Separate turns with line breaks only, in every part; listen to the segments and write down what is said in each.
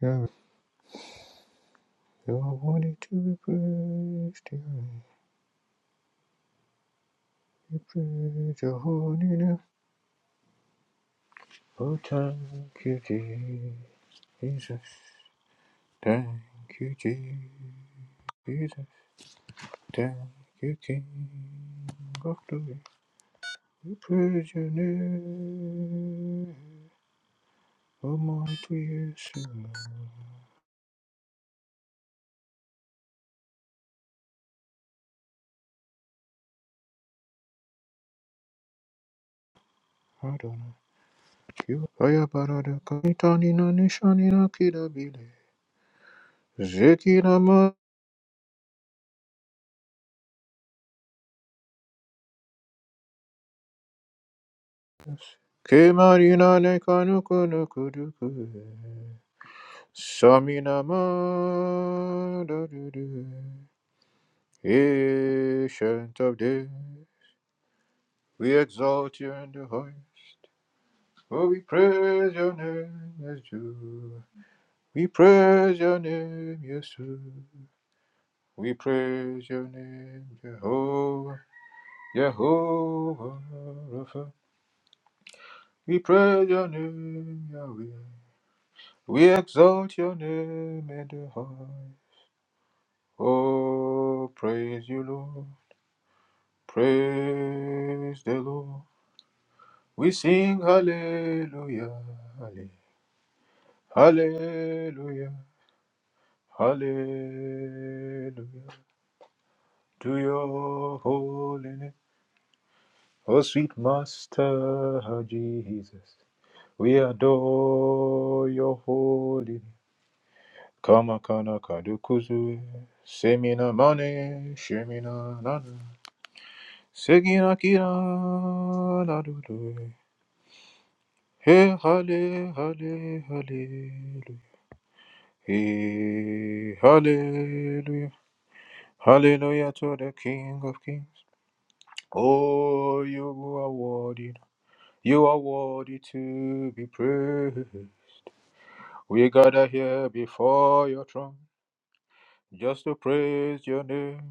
You're wanted to be praised, you praise your holy name. Oh, thank you, Jesus. Thank you, Jesus. Thank you, King of glory. We praise your name. Almighty Jesus, Adonai. You are your barada. Kanitani na nishani na kidabile. Zekina ma. Kemarina ne kanuko no kuduku. Shaminama da-du-du. Ancient of days, we exalt you in the highest. Oh, we praise your name, Yeshua. We praise your name, Yeshua. We praise your name, Jehovah. Jehovah Rapha. We praise your name, Yahweh. We exalt your name in the high. Oh, praise you, Lord. Praise the Lord. We sing hallelujah. halle- Hallelujah. Hallelujah. To your holy name. Oh, sweet Master Jesus. We adore your holy name. Kama kana kadukuzu. Semina mane. Shemina nana. Segina kira la Hey, hallelujah, hallelujah, Hey, hallelujah. Hallelujah to the King of Kings. Oh, you are worthy. You are worthy to be praised. We gather here before your throne just to praise your name,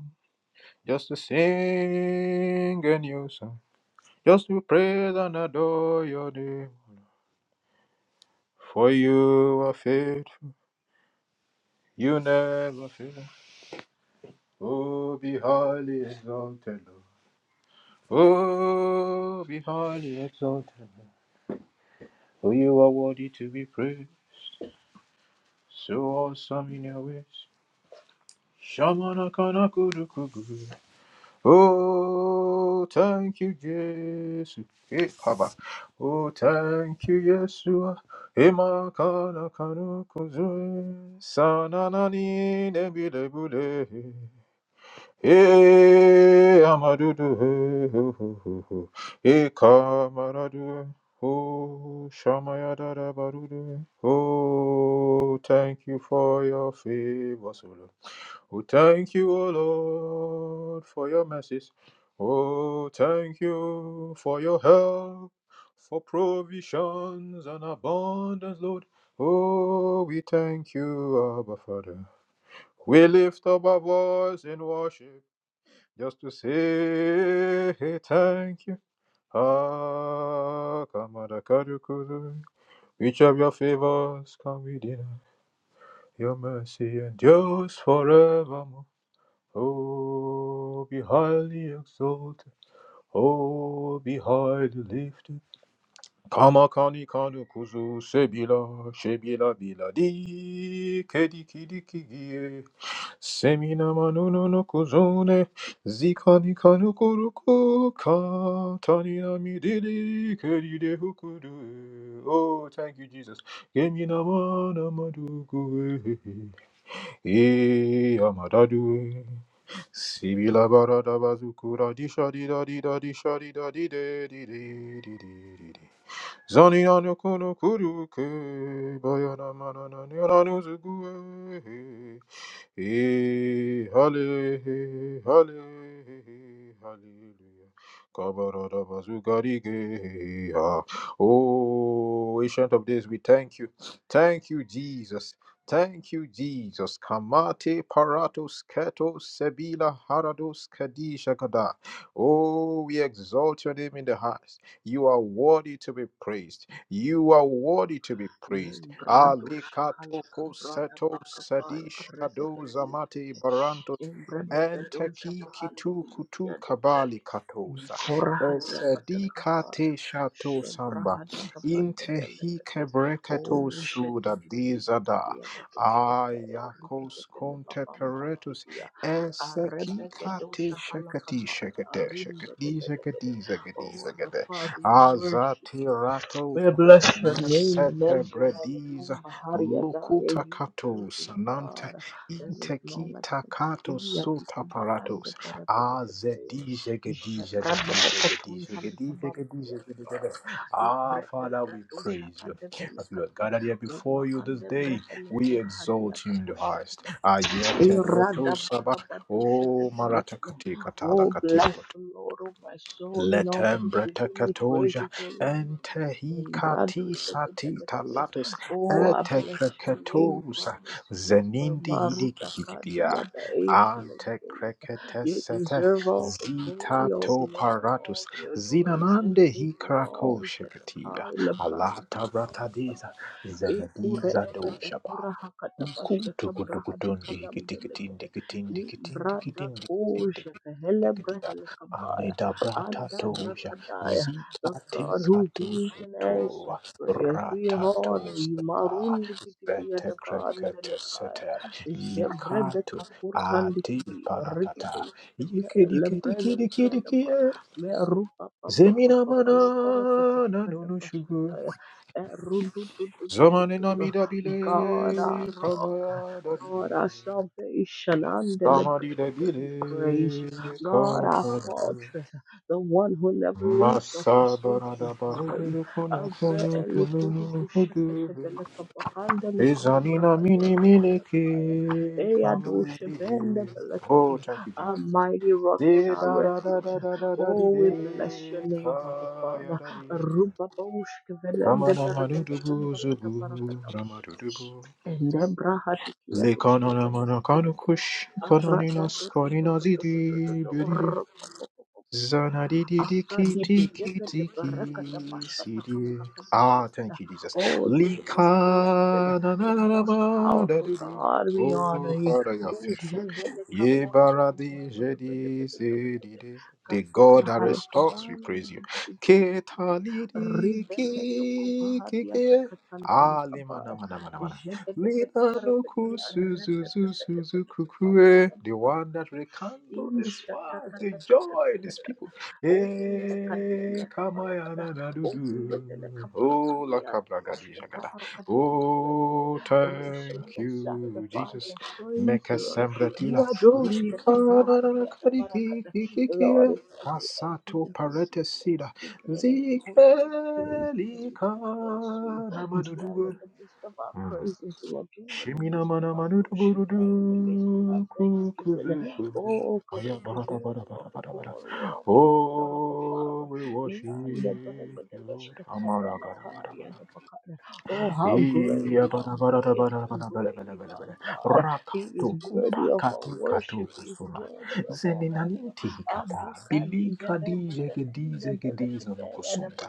just to sing a new song, just to praise and adore your name. For you are faithful, you never fail. Oh, be highly exalted, Lord. Oh, be highly exalted. For you are worthy to be praised. So awesome in your ways. Shamana kanakuru kuguru. Oh, thank you, Jesus. Eh, Baba. Oh, thank you, Yeshua. Ema kana kanu Sananani nebile bule. Eh, amadudu, eh, hu, hu, hu, hu. Eh, kamaradu, oh, shamayadada barudu. Oh, thank you for your favors, O Lord. Oh, thank you, O Lord, for your mercies. Oh, thank you for your help, for provisions and abundance, Lord. Oh, we thank you, Abba Father. We lift up our voice in worship just to say hey, thank you. Ah, Kamadakarukuru. Each of your favors can we deny. Your mercy endures forevermore. Oh, be highly exalted. Oh, be highly lifted. Kamakani kanu kuzu sebila, shebila bila di, kedi kidi Semina manunu no kuzune, zikani kanu kuruku, katani na midili, keride hukuru. Oh, thank you, Jesus. Gemina mana madugu, e amadadu. Sibila barada bazukura, disha dida dida disha di di di di di. Zani na no kuru kuruke, bayana manana nira Hey, hallelujah, hallelujah, hallelujah. Kabarabazugarigeha. Oh, ancient of days, we thank you. Thank you, Jesus. Thank you, Jesus. Kamate paratos keto sebila harados kadisha kada. Oh, we exalt your name in the highest. You are worthy to be praised. You are worthy to be praised.
Lembrado shahalaka
Alikatoko
brada
seto
bakabaya
sadish
rebete
kadoza mate
felekete
barantos
embrebebedo
enteki
shabahandi
kitu kutu
bilikiado
kabali katosa
nikora hadi apata kabaya
esedikate shato
shebra
samba
hadi kabande
intehi
felekete o
kebreketo
sheti
suda
titi piti piti
dizada
atatoshkete arikete
ayakos
pele
konte
papam
peretus
pampidia
eseki
arebegedo
kate
shahalaka
shekati
baya
shekete
rimbede
shekati
belekete
shekati shekati
oh abba
shekate
father we worship
azati
you
rato
we bless your name and
Mesete brediza
Embrahelkum Bahariadaya,
locuta
you girls,
catos
you
nante
are God. There is no like
intekita
unto
catos
thee, Atikumba and
sotaparatos
the Berabedebede.
azedije gedije gedije
Ishakrabakatun
gedije gedije
Tamitabarikia
gedije gedije
Dabaya.
Ah, Father, we
Ibredekatusha
praise you.
and the
As we are
Belekati.
gathered here
Uma
before you
and
this
the
day, we
Brehelekurhadia
exalt you in the
Dabosha.
highest. Ayete breto sabah.
Iradapakabadusha the
Oh, marata
Belekele.
kati
Oh, bless
katala
the Lord, oh my soul, and all that is within me. Praise
Letembretekatoja
his holy name.
entehikati
Embraduše de
satita
Belebele.
latus
Oh, I bless your name,
etekreketosa
promise keeper,
zenindi
Maruda
hidikikidia
Kadia, the Asian of things. You
antekreketesete
deserve all the glory, all
zitato
the honor,
paratus
all the adoration.
zinanande
Take it
hikrako
all,
shekatia
Shetakai,
alata
Lebrada
bratadiza
ekure
zenediza
ede
doshaba
hakata bashkete braha
ukutukutukutundi
dikadam belegede
kitikitindi kitindi
ni
kitindi
brada
kitindi
kushe fehele
kitindi
brehele kabaya
Aneda
anda
bratatosha
brakadaya the
zitate
God who hears and
katusutua
answers prayers we honor you
ratatosa
marundi bitibi adabandele kaya
vetekreketesete
jebrede
likatu
kakurhandi
ati
kidi
parakata
rikedo shkete lebrendi
yikidikidikidikidiki
kiyadaba me rupa pa pa pa
zemina
pa pa
mana
la parakata
nanunushugu
pakata
zamane
God,
zamanenamida bile
our rock,
kamaya dabile
God, our salvation,
samadile
undeliberated, we
bile
praise you. God, our
katada
fortress, the one who never leaves nor forsakes,
Masabarada
we honor you.
baruduru kono
Abra
kono tulunu
elukurubu
hudu.
shekete beleka bakanda leka
Izanina
dabraha de
mini mini ki
adabadakaya. Eya
kama
doshe
yadidi.
bende
Oh,
belekeri.
thank you,
Our
Jesus.
mighty rock
Di
and our
da da da
refuge.
da da da da di
Oh,
de
we bless your name, Abba
kaya
Father.
da di.
Ruba baushke
Kama
velende
na
berekete
marudubu
bumba
zubu ramarudubu.
Endebra hatikia
Lekana na
tushkete bele
mana
bele
kanu
bele.
kush kanani
Arada
nas
do do do
kanina
do do do
zidi
do do do.
Zana di di di
Aska
ki ti
dipe
ki
tepe
ti
tepe
ki
rekata
si
bashata
di.
kabrakata
Ah,
balakata.
thank you, Jesus.
Oh, to the most blessed,
Lika na
the
na na na
most
ma da
powerful
di di.
God, we honor
Oh,
you.
Father, you are faithful.
Ujevele
Ye
kaboro doko boro
baradi
koto pete
jedi
pete pete
si di
pete.
di. The
Kakura
God that
halaka
restores, we
bandi
praise you.
biti biti
Ke
biti biti.
ta li di ki
Ridete toko
ki
bahati ata
ki.
katante
Ah, lima na
lekabai.
ma na ma na ma na.
Jete tete tete pete.
Lipanoku
Rete
Suzuzu
tete tete lekapanta
Suzukukue,
pante
the one that
parakati.
rekindled his
Isha
fire,
tata
the
tata
joy
tata
in his
tata.
people.
Open the
Eh,
Kadibiya the Paragada.
kamayana na
Open the
Oh, la
Belekabarakadia.
kabragadi jagada.
Bashkatarakadia the Belegade.
Oh,
Receive
thank
the
you,
sacrifice
Jesus.
and praise,
Meka
Lord.
sembratila.
Yadoshka the
Likanana
Brahadia the
kariki
Paragada.
kikiki.
Lord, if as we enter
Kasato
your gates with
parete sida.
thanksgiving and our courts with praise, and as we
lika
give thanks to you, dwell
namadudu.
in the midst of our
Mm.
praises, Lord. Dwell in the
Shimina
midst of
mana
our
manu du
worship.
buru du
Dwell in the midst of our
ku ku
thanksgiving.
du ku.
Oh, because you
Aya bara da
deserve
bara
all
bara
the
bara bara.
glory, all the honor, Abba Father.
Oh, we worship
Niyanda barakada
you, Lord. Amara
bashkataya
bara bara
lakaya
bara.
da bakara. Oh, how great,
Iya
how
bara bara bara
great,
bara
how
bara bara
great
bara bara
is our
bara.
God. He is
Rakato
worthy
kupa
of our
katu katu
worship. He is
kusula.
worthy of our honor.
Zeninanti hikata.
Adukadi
Bilika
berede
di jege di
bekunda
jege di zano
belekadaya da
kusunda.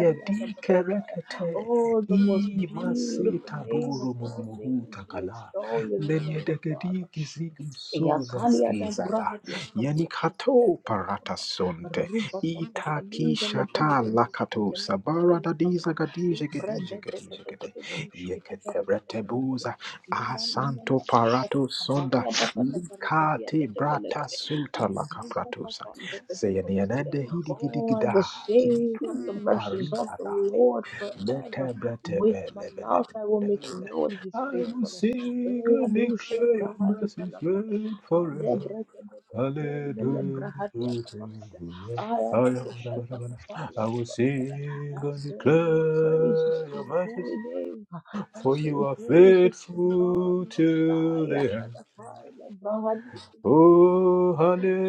Ya
da
di
bakata.
kerekete.
Oh, the most
I
beautiful
masita
name of
boro
all
munumuhu
names. We
takala.
extol your name,
Lenye
Abba
dege
Father.
di gizigu suza
Yakalia da
skizada.
Brahadia
Yani
Kabosha
kato parata
Telebelekaba
sonte.
Ruba Papa
Itaki
Limbele
shata
Beregadosh
lakato sabara dadiza
Telebelekaba
gadija gadija gadija gade
Ibrededosh
yekete
Ketebelekele
retebuza
Linda Nana
asanto
Shatu
parato sonda
Kabaria Dapa da Barakadia
likate brata
Telebelekele
sunta
Bruba
lakapratosa
Papa Bebekele
zeyanianende hidi gidi
Oh, I
gida
will sing
kitu
of the mercies of
parita
the
dali
Lord forever.
lete brete
With my
bele bele
mouth I will make
bele
known his
I will
faithfulness.
sing
Eh,
and
adusha
declare your
braha di
mercy's reign forever.
Debra Kebebe Kun,
Hallelujah.
Delebrahadia Tabaka, Ayada Boshata
Hallelujah.
Kapaya,
I will sing
I
and
sing your praises
declare
to
your
your
mercies,
holy name. I
for you
sing
are
praises to the God
faithful
Most
till
High.
the end.
Ashadakai, Abraham,
Oh,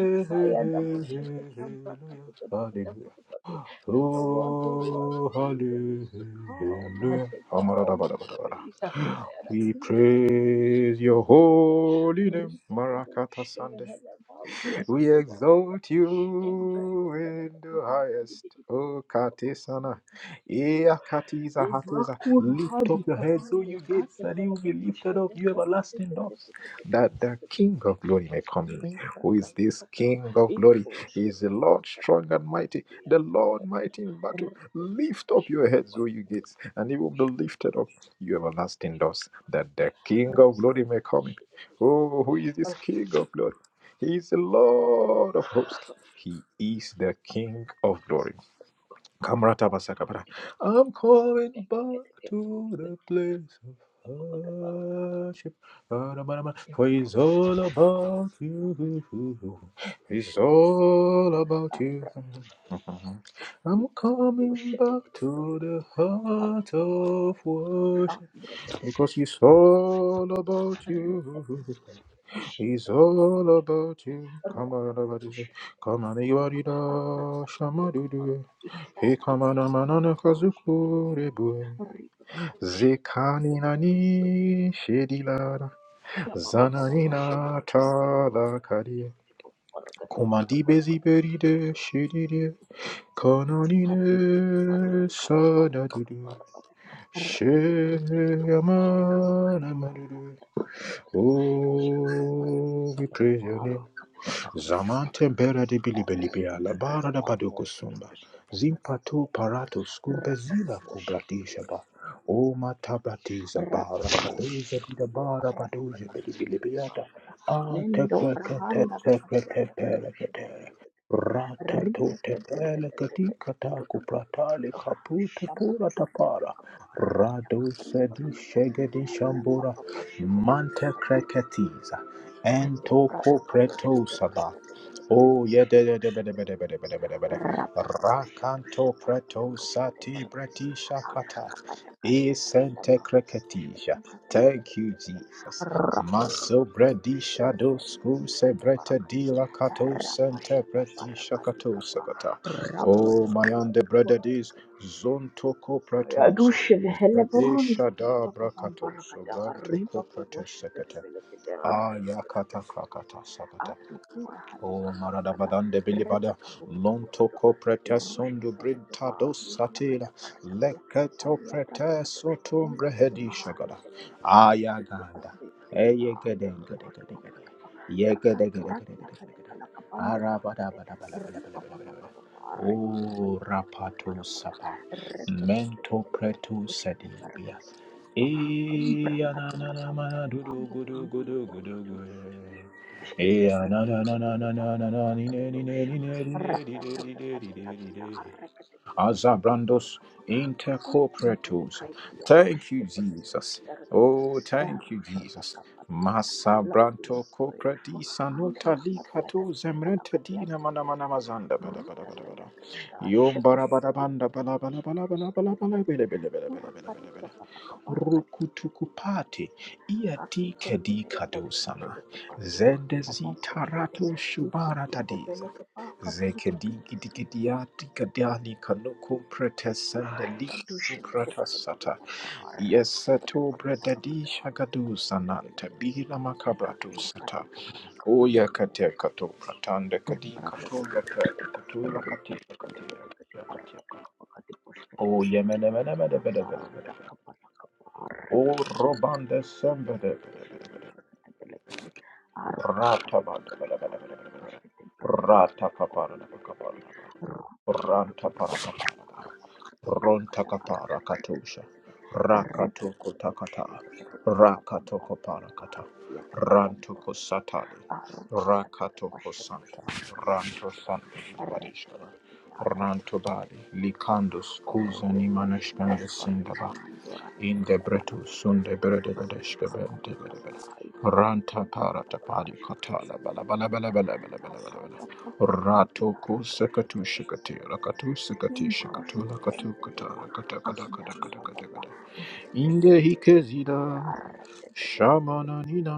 Ikaya, Daboshete,
Hallelujah.
Kabrakatikodapadabodobodi. Just the one who was the
Oh,
reason is to come. I
hallelujah.
take all the
Amaradabadabadabada.
praise.
We praise
Ayadakumbelekendeshkete,
your holy name, Marakata Sunday. We
Riteturushkevehelevandiatakuvamalada.
exalt
Embrede,
you in the highest.
Kedekubarakadibidibidi.
O Katesana. Ea Katiza Hatosa. Lift up your heads, O you gates, that you will be lifted up, you everlasting doors. That the King of glory may come in. Who is this King of glory? He is the Lord strong and mighty, the Lord mighty in battle. Lift up your heads, O you gates, and he will be lifted up, you everlasting doors. That the King of glory may come in. Oh, who is this King of glory? He's the Lord of hosts. He is the King of glory. Kamrata basakabara. I'm going back to the place of worship. For it's all
Thank you.
about you.
Thank
It's all about you. I'm coming back to the heart of worship because it's all about you. He's all about you. Come on, everybody say, come on, everybody, da, shama do do. Hey, come on, manana kazuku rebu. Zekani
you.
nani shedilada.
Shut
Zanani na tala kadi. Kumadi bezi beride shedide. Kanani
Hadisi
ne
tipato kati pati
sada do
pati
do.
para para reke teke pele
Sheyama
kapush kete pele
na
kapara
madudu.
tete tete tete esh kete breke te
Oh, we
pele
praise your
kapara
name.
kete kapana kete para
Zamante
kete
bere di
rete
bilibilibia la
ke bete
bara da
pat
baduko
mor kote
sumba.
push kete breke te
Zimpato
pele
paratus
kete rapa te
kumpezila
push kete
kubratisha
pele
ba.
kete rapa te
O
pele
matabratiza
kete rapa
bara
te push
kaduza di
video
bara
rapa te
baduza
pati video kete para
bilibilibiata.
kete
A te
lendo
kweke te
prahanda
te
lakati
kweke
ata te
pere
push kete kete
Rata
Shabbat
to te pele kati kata kupratale kaputa pura tapara. Rado sedi shegedi shambura. Mante kreketiza.
Ende prata
Entoko
katoshke
preto
te
saba.
prakate kete
Oh yeah,
kaboshke
de de
kete
de de de
kete
de de
kete
de de
kete
de de
rapa paposhke te kete
Rakanto
barakate
preto
poshke kete
sati
barakate
breti
aka
shakata.
kakata kasha te kata
Isente
barakate poshke te
kreketisha.
barakate kete
Thank you,
kete kete
Jesus.
rapa to to
Maso
to
bredi
poshke te
shado
bendi
sku
dia
se
te
brete
barakati
di la kato
rapa
sente
shata
breti
barakati
shakato
kapa
sakata.
rapa
Oh
papa
mayande
kapa
brededis zontoko preto sa.
Yadushe vihele
Bredi
burundi
shada
kiyoba babam
brakato so
barakada
brantoko
riba boboshe bete
prete
bele bete arre
Ah,
bete
yakata
bete bete bete
kakata sakata.
atu pura
O
hati kabarakada
maradabadande bili badi
rebe kabubu
lonto
burudo
kope pretes ondu
yarushke vele
brinta
kebaru
dosatila
malakada barakadia
lekete
alia brata
pretes o
kadushke
tum
ende
breh
bele
di
fahari
shagala
yate bete shkiti
ayaganda
bambi
e
bedi ba
yeke
andele
deke
brot
deke deke
kubu
deke
kubu
yeke
kaka
deke deke
murati
deke deke deke
yakate
deke
bele kabambe
ara
bele
bada
bete
bada bada bada bada
riba
bada
baba
bada
baba
o
riba baba dikate
rapato
baba para
sapa mento preto sediubia e
Kumbra
na na na
katika
na na
pampele
gudu
pambo
gudu gudu
kumbulu burukutu
gudu
Ashkete
Eh, ah, na, na,
brekete
na, na,
lekete
na, na, na,
barakati
na, ni,
ateke
ne, ni, ne,
dosha.
ni, ne, ni, ne, ni, ne, ni, ne, ni, ne,
Ratatatatatatatata
ni, ne.
arekete kete kete kete bele
Azabrandos
kapa. Kukumbele
intercorporatus.
kaiti ya
Thank you,
doshkete bele kete
Jesus.
berekete.
Oh, thank you,
Erusha
Jesus.
takapati yata.
Massa
Lord, we
branto
are grateful.
coprati sanota
antora
li
pati yata
kato
tata
zemrenta
barakati yata
dina mana
tutu
mana
tutu.
mazanda bada bada bada bada.
Rutatatatata
Yom
ashkete
bara
kete
bada banda
kete
bala
kete
bala bala
ashkete kete
bala bala bala bala bala
bele kete.
bala bala bala
Urakati
bala bala
kapala kabarakati kete kete kete kete.
rukutukupati
Kapurukutu kadushi pete pete papa Pelekate,
iati kedikadusana zendezitarato
Liprak at the
shubaratadiza
Pelekapa, Purukutu,
zekedigidigidiatikadani kanuku
Kadushi, Petapeta, papa
pretesendeliktukratasata
rapete pete pete
yeseto
pete rapete pete pete
bredadishagadusanante
pete teka kura
bilamakabratusata
katika pala kapumbele
uyakatekato pratande
Embratotototototo, ripapapatapatapati,
kadikatogatekutuilakatikatikatikatika o
arapatakapakatiposhkatepelekapa,
yemenemenemenemenemenemene
aparutakapalakapa,
O Robande Sembede,
arrekakapatikampalakapalekatepeshkateprakatepelekadi,
Rata Banda, Rata
arupakatikampalakorakatiposhkateprakatepelekapa,
Kapara,
pompetepete,
Ranta
rutututukutupakala,
Paracapara, Ronta
arupakatapalakata,
kapara Katusha,
arrekatepelekade,
Rakatoko Takata,
repepepedoshkatepetepete,
Rakatoko
papampampelepa,
Parakata, Rantuko
ikiatapapamporokut,
Satali,
Oh,
Rakatoko Santa, Ranto Santa Barishkara, Ranto Bari, Likandos,
we
Kuzani
bless your name forever,
Manashkanda
Mandora the
in the
Gadia
bretu
Balakada,
sunde
the
brede bedeshke bente
Brukuvahadi
bede bede
Kabai,
ranta para
Kababambalakada,
tapari katala bala bala bala
Ashkatabambalakada,
bala bala
a
bala bala bala
protocopati
rato ku
Pidiarato
sekatu shikati
Shetabede,
rakatu sekati shikatu rakatu
Kimbroshketendeleba,
katara kata rakata kata
Andam
kata kata kata
Baba,
kata inde
Shetabede, the
hikezida
Arrete, the
shamana
Baba,
nina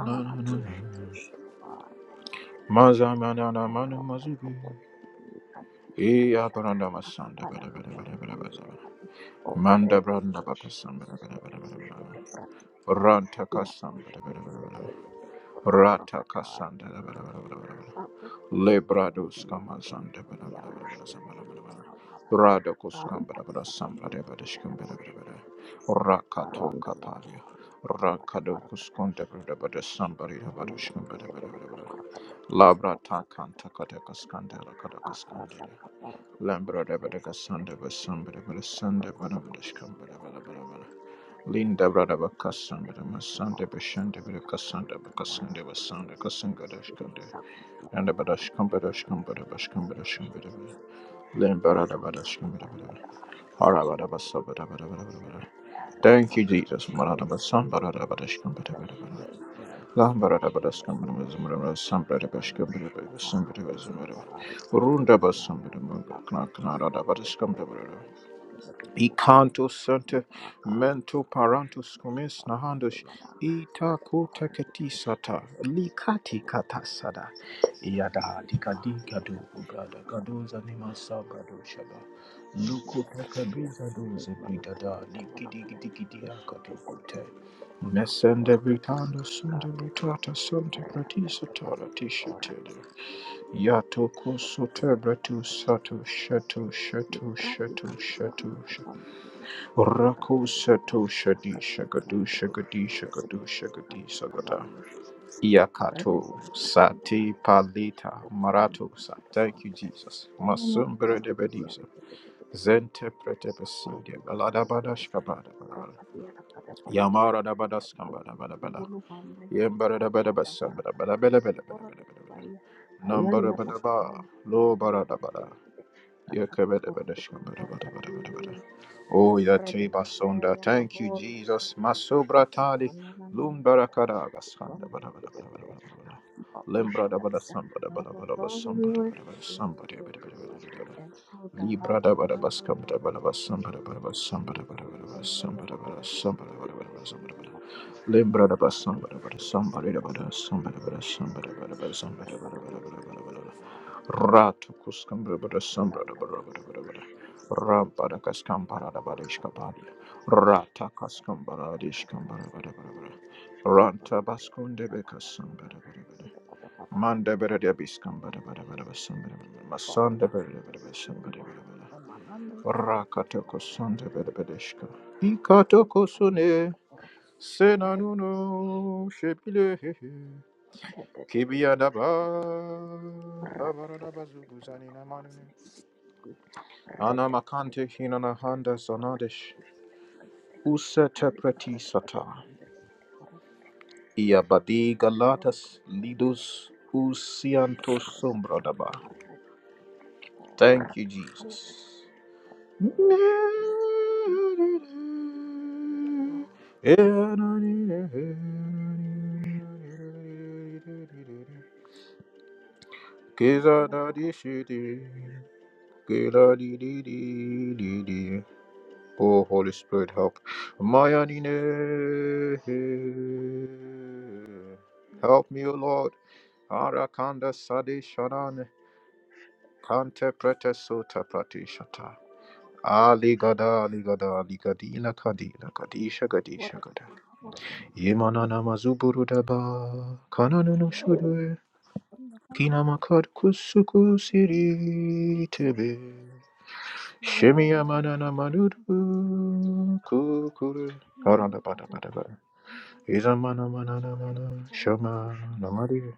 Oh,
na na
thank
na
you,
na
Jesus. Get
mazamana na manu mazubi e aparanda masanda bada bada bada bada bada bada manda branda bakasam bada bada
to
bada bada
push, get
bada
to brati,
Ranta
ya
Rantakasam.
push, get to get to get to polo pura katari,
Ratakasan.
get to apu kota
Lebrados
kubombele, get to
Kamazan.
ya rush, get to hele babambala da,
Radokos
karu
Kambara
pati kabambala, ya da
Sambradeshkam.
push, get to get to get,
Rakato
karu
Kapalia.
andalo,
Rakadokus Kondabada Sambari
Thank
Rabadushkam. Labra Takanta Katakas Kandela Katakas Kandela. Lambra Devadakas Sandeva Sambra Sandeva Nabadeshkam. Linda brada bakasanda masanda bashanda bakasanda bakasanda basanda kasanga dashkande and badashkam badashkam badashkam badashkam badashkam len brada badashkam badashkam hara brada basabada brada brada Thank you, Jesus. Marada basam
you.
barada
Say,
badashkam bada
bless
bada bada.
your name forever. We
Lam
bless
barada
your name.
badashkam
We
bada
bless
bada
your
bada bada
name.
sam bada bashkam
Manush
bada bada bada sam bada
Kavahati
bada bada
Kapari
bada.
Kaili
Runda basam
Yada
bada bada
Papa.
kna kna rada
Stupid
badashkam bada bada.
Filipete, Stupid Filipete.
Ikanto sente
Mira Karo
mento
Kapush
parantos kumis
Kavahati
nahandos
Mana. Kada
itako
Pahara Kite,
teketi sata
Shkete Kite Kite Kite
likati kata
Melakite.
sada
Kakapu
yada dikadi
Kavahari
gadu
Yada
gada
Pash
gadu zanima sa gadu shaba luku
Indamalakadiya,
takabiza doze bidada
Indamalakadiya,
likidi
Damalakada,
gidi gidi akadu kute
Ishatatatatatata,
Nesende
Kapurakati,
britando sunde
Kamelakada,
britata sunte pratisa tara
Ratatatatata,
tishatede
Ratatatatata,
Yato koso
Shatatatata,
tebre tu sato
Shatatatata,
shetu shetu
Niprati
shetu shetu
Makapuraka
shetu
Kupambiliya,
Rako
Yakakadikama,
Sato Shadi Shagadu Shagadi
Sakakamakudushkitakada,
Shagadu Shagadi Sagada
Katikabarushkitakada, Brenda
Yakato
Seleka
Sati
Bambalakis,
Palita
the Boram
Maratosa.
Buddha
Thank you,
Borakada,
Jesus.
and the
Masum
Maki Borakadia,
Bredebedisa
the
Zente Pretebeside
Benefit,
Baladabadashkabada
Brakadia Lakada Borakada,
Yamara Dabadaskambada Badabada
Bulu Bambele, Shada
Yembaradabadabasambada
Borakada,
Bada Bada
the
Bada Bada
Borada
Bada Bada
Baria,
number
Ayana
badaba
Lakabandi, the
Lo
Bereket, the
Baradabada
Benefit, Kakakur, Borakadi,
Yakabadabadashkabadabadabadabada. Oh,
Hembred,
Yateba
the
Sonda.
Bear,
Thank you,
Kabon,
Jesus.
Ashkata
Masobratali. Lumbarakadagaskanda.
Brana, Babushadabada. Abba, Father, we worship you, we are grateful.
Lembradabadasambadabadabadabasambadabadabadabasambadabadabadabadabada.
And put the heart
Libra da
in
ba da ba scum da
God,
ba
a
da ba
man.
sum ba da ba da ba sum ba da ba da ba da ba
Kebisanda
sum ba
bala
da ba
bara
da
gada
sum ba da
wush
ba da ba da
gada
ba sum ba da
nilka
ba da.
bara
Libra da ba
likar
sum
da
ba da ba
wush
da
gada
sum ba da da
suka
ba
di
da sum ba
gada
da ba da
boro gada
sum ba da ba da ba sum ba
shaka
da ba da
bada
ba da
bara
ba da ba
gada
da ba da ba. Ra tu ku scum ba da ba da
Father,
sum ba da ba da ba da ba da ba da.
thank you,
Ra ba da ka scum ba da da ba da ishka ba da. Ra ta ka scum ba da da ishka ba da ba da ba da ba da. Ra ta ba scum de be ka sum ba da ba da ba da. Manda bere biskam bada bada bada basam bada bada masanda bere bada basam bada
Abba Father,
bada bada
Manando, the
rakata
Bolokotor,
kosanda bere bere shka ikata
Rubakati,
kosune
the Boroko, the
senanuno shepile hehe kibiya daba
Bell, What
labara daba zuguzani na manune ana makante hina na handa zanadesh usete preti sata iya badi galatas lidus usianto sombra daba thank you jesus Cause I know this shit is- Cause I did it, did it, did it. Oh, Holy Spirit, help. My Help me, O Lord. Arakanda Sadi sharan, Kante Prete Sota Pratishata. Ali gada, ali gada, ali gadila, kadila, kadisha, gadisha, gada.
a
Yemana namazuburu daba, kananunu
Mama
shudu,
Padilla is a wonderful
kinamakad kusuku
looking
siri
fish.
tebe.
Yapoda
Shemiyamana namanudu,
Patapoda,
kukuru. Haranda bada bada bada. Izamana mana namana,
Mala
shama namari.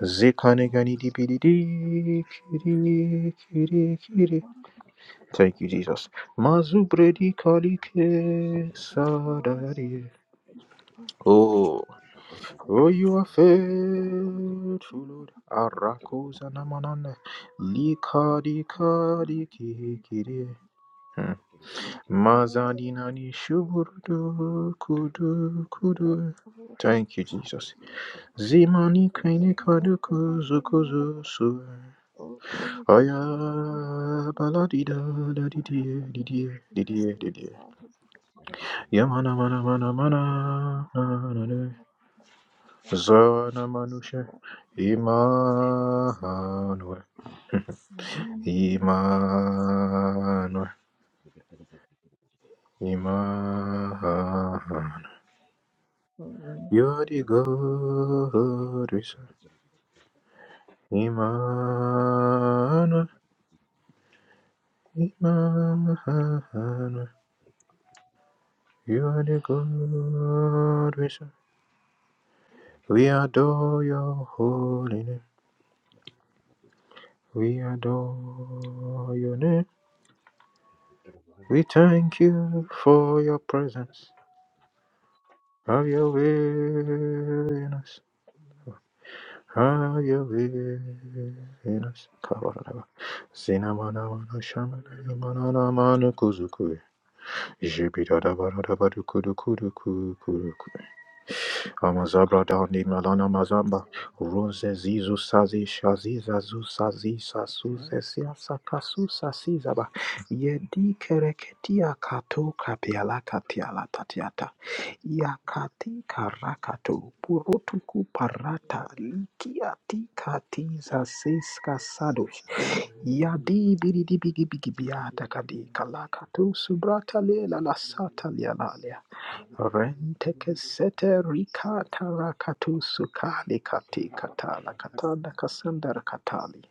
Zikane gani dipidi di, kiri, kiri, kiri. Thank you, Jesus. Mazubredi kalike sadari. Oh, oh, you are faithful, Lord. Arakosa namanane. Likadi kadi
Thank you.
kikiri. Hmm.
Oh
Mazadina ni shuburdu kudu kudu. Thank you, Jesus. Zimani kaini kadu kuzu kuzu su. Aya baladida da da di di di di di di di. di. Yamana mana mana mana na na na. Zana manusha Immanuel Immanuel Immanuel You're the God we serve Immanuel Immanuel You're the God we serve We adore your holy name We adore your name We thank you for your presence. Have your way in us. Have your way in us. Kabaraba. Zinamana mana shamana nimana na mana kuzuku. Jibida da bara da ba duku duku duku Amazabra dani malana mazamba. Rose zizu sazi shazi zazu sazi sasu zesia sakasu sasi zaba. Yedi kereketia kato kapiala katiala tatiata. Yakati karakato purutuku parata likiati kati zasiska sadosh. Yadi biridi bigi bigi biata kadi kalakato subrata lela la sata liala Rente kesete rikata rakatu sukali kati katala katala kasandar katali.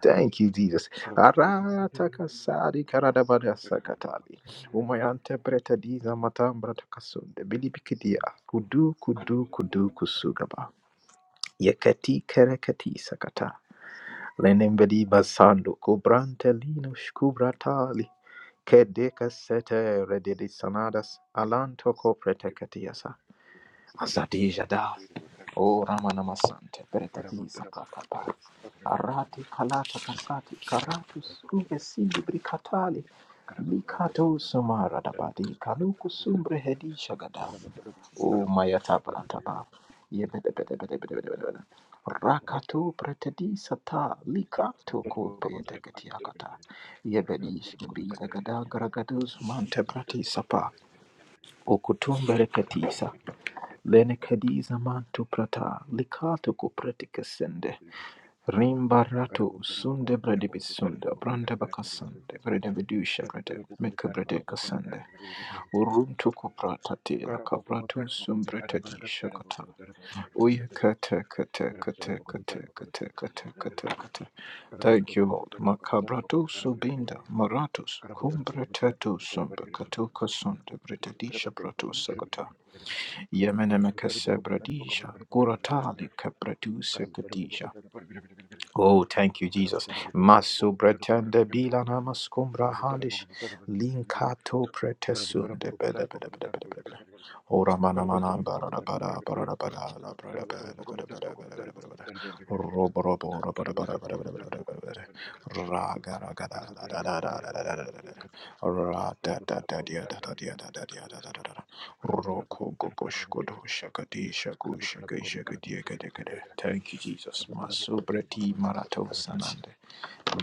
Thank you, Jesus. Arata kasari karadabada sakatali. Umayante breta diza matambra takasunde. Bilibikidia. Kudu kudu kudu kusugaba. Yekati kerekati sakata. Lenembeli basando kubrante lino shkubratali. Kedeka sete redidi sanadas. Alanto ko Azadija da, O Ramana Masante, Bereteliza Katapa, Arati Kalata Kasati, Karatus, Uvesili Brikatali, Likato Sumara Dabadi, Kaluku Sumbre Hedisha Gada, O Mayataba Taba, Yebedebedebedebedebedebede, Rakato Pretedi Sata, Likato Kope Teketiakata, Yebedish Gada Gragados Mante Prati Sapa, O Lene kadiza mantu prata likato kupratika sende rimbarato sunde bradibisunda branda bakasande bradibidusha brade meka brade kasande uruntu kuprata prata te la kapratu sumbrata di shakata uye kate kate kate kate kate kate kate kate Thank you, Lord. Makabratu subinda maratus cum bretetu sumbe catuca sunde bretadisha bratus Yemenemekesebradisha, Kuratali Kapraduse Kadisha. Oh, thank you, Jesus. Masu pretende bilana maskumbra halish linkato pretesunde bele bele bele bele bele bele. Ora mana mana barada bara barada bara la barada bara bara bara bara bara bara bara. Robo robo ora bara bara bara bara bara bara bara. Ra ga ra ga da da da da da da da da da da. Ra da da da dia da da dia da da dia da da da da. Roko koko shkodo shakati shaku shakai shakati yakate kate. Thank you, Jesus. Masobrati marato sanande.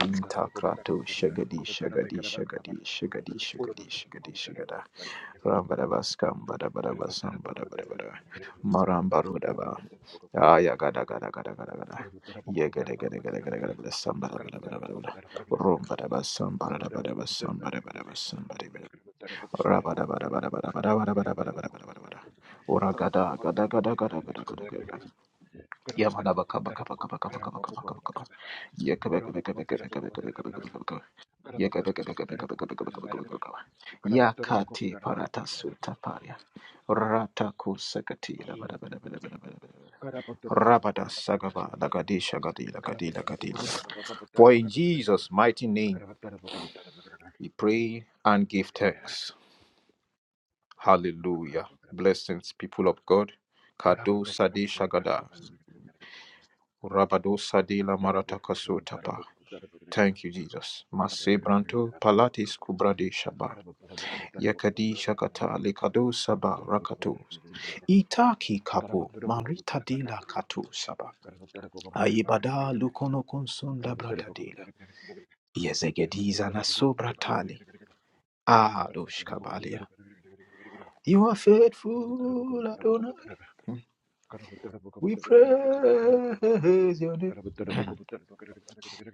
Linta krato shagadi shagadi shagadi shagadi shagadi shagadi shagada. Rambarabaskam barabarabasam barabarabara. Marambarudaba. Aya gada gada gada gada gada. Yagada gada gada gada gada gada. Sambara bara bara bara bara. Rumbarabasam barabarabasam barabarabasam Rabada bada bada bada bada bada bada bada bada bada bada bada. Ora gada gada gada gada gada gada gada. Yamada baka baka baka baka baka baka baka baka baka. Yaka baka baka baka baka baka baka baka baka baka. Yaka baka baka baka baka baka baka baka baka baka. Yakati parata suta paria. Rata kusakati da bada bada bada bada bada bada. bada. Rabada sagaba lagadi shagadi lagadi lagadi. For in Jesus' mighty name we pray and give thanks. Hallelujah. Blessings, people of God. Kado Sadi Shagada. Rabado Sadi Lamarata Kasotapa. Thank you, Jesus. Mase Branto Palatis Kubrade Shaba. Yakadi Shakata Lekado Saba Rakato. Itaki Kapo Marita Dela Kato Saba. Ayibada Lukono Konsunda Brata Dela. Yezegediza Naso Bratali. Adosh Kabalia. You are faithful, Adonai. We praise your name.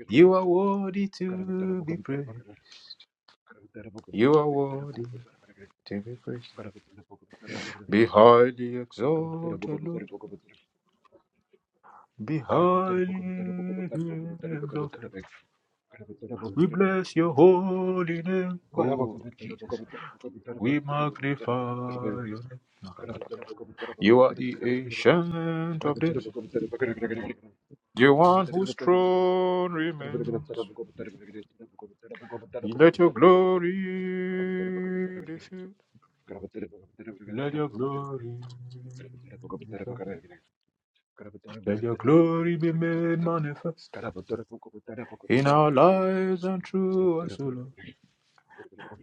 You are worthy to be praised. You are worthy to be praised. Be highly exalted, Lord. Be highly exalted. We bless your holy name, oh Jesus. We magnify your name. You are the ancient of this, the one whose throne remains. Let your glory be filled. Let your glory be manifest. Let your glory be made manifest in our lives and through us, O Lord.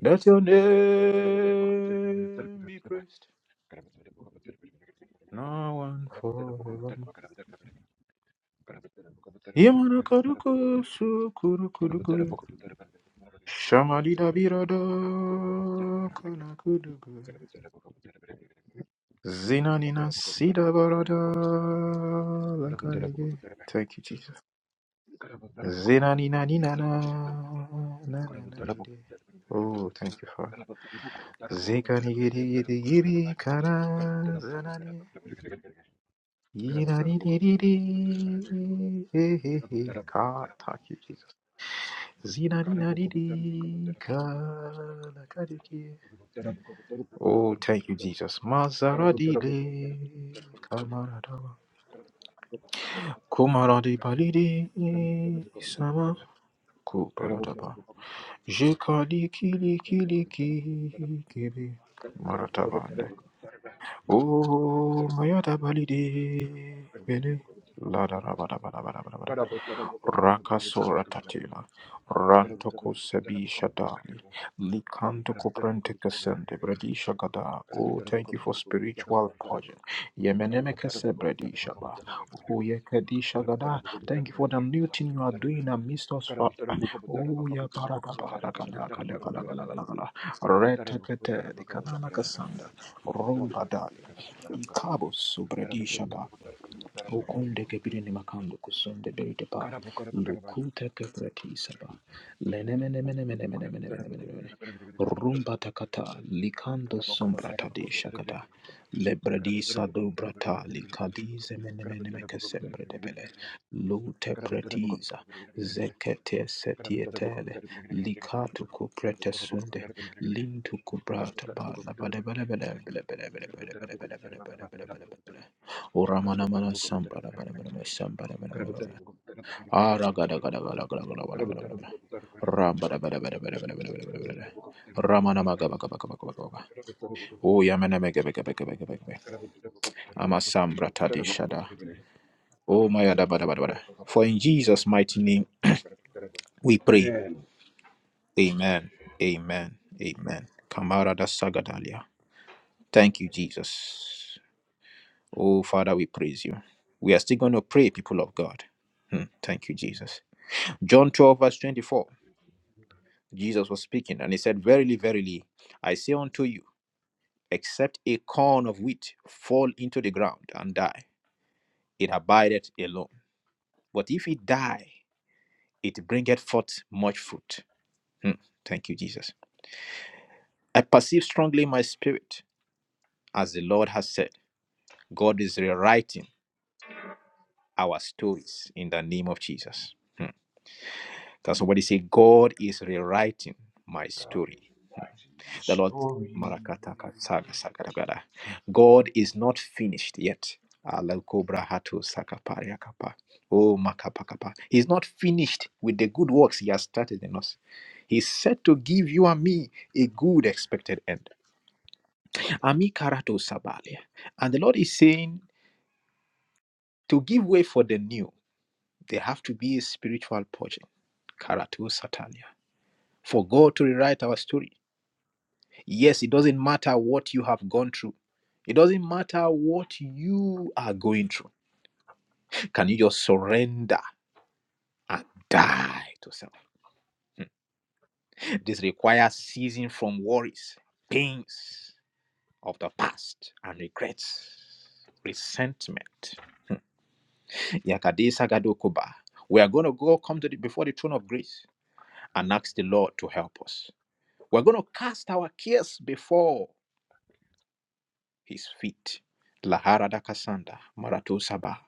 Let your name be praised now and forever. Yamanakaduko sukurukuduku. Shamadida birada kanakuduku. Zinanina sida barada lakarige. Thank you, Jesus. Zinani-nani-nana-na-na-na-dee-dee. Oh, thank you, Father. Zikani-giri-giri-giri-kana, zanani, yinani-dee-dee-dee. Hey, hey, hey. God, thank you, Jesus. Zinani-nani-dee, kalakadiki. Oh, thank you, Jesus. Mazaradide, kamaradawa. Kumaradi palidi, sama, Je kali kili kili ki gibi maratabande. O mayada balide bele la da Rakasora Tatila, Rantoko Sebi Shadali, Likanto Koprente Kasende, Bradisha Gada. Oh, thank you for spiritual pardon. Yemeneme Kese Bradisha Ba. Oh, Yekadisha Gada. Thank you for the new thing you are doing amidst us, Father. Oh, Yabarabala, Retekete, Likanana Kasanda, Rumba Dali, Ikabo Subredi shaba. Okunde kebiri ni makando kusunde beri tepa. Lukuta kebreti saba. Lenemene mene mene mene mene mene mene mene. mene Rumba takata likando sombra tadi shakata. Lebredi sadu brata likadize mene mene meke sembre debele. Lute pretiza. Zekete setietele. Likatu kuprete sunde. Lintu kubrata ba. Labade bele bele bele bele bele bele bele bele bele bele bele bele bele. Uramana mana sambara bara bara bara sambara bara bara bara. Ara gada gada gada gada gada gada gada gada. Rambara bara bara bara bara bara bara bara bara. Ramana maga maga maga maga maga maga. Oh, yamene mege mege mege mege mege mege. Amasam bratadi shada. Oh, my yada bada bada bada. For in Jesus' mighty name we pray. Amen. Amen. Amen. Kamara da sagadalia. Thank you, Jesus. Oh, Father, we praise you. We are still going to pray, people of God. Hmm. Thank you, Jesus. John 12, verse 24. Jesus was speaking, and he said, Verily, verily, I say unto you, Except a corn of wheat fall into the ground and die, it abideth alone. But if it die, it bringeth forth much fruit. Hmm. Thank you, Jesus. I perceive strongly in my spirit, as the Lord has said, God is rewriting our stories in the name of Jesus. Hmm. Can somebody say, God is rewriting my story? The Lord Marakataka Saga Sagaragara. God is not finished yet. Alakobra hatu Oh makapakapa. He's not finished with the good works he has started in us. He's set to give you and me a good expected end. Ami karato sabalia. And the Lord is saying to give way for the new, there have to be a spiritual purging. Karato satalia. For God to rewrite our story. Yes, it doesn't matter what you have gone through. It doesn't matter what you are going through. Can you just surrender and die to self? Hmm. This requires ceasing from worries, pains of the past, and regrets, resentment. Yakadisa Gadokoba. We are going to go come to the, before the throne of grace and ask the Lord to help us. We're going to cast our cares before his feet. Laharada kasanda, marato sabah.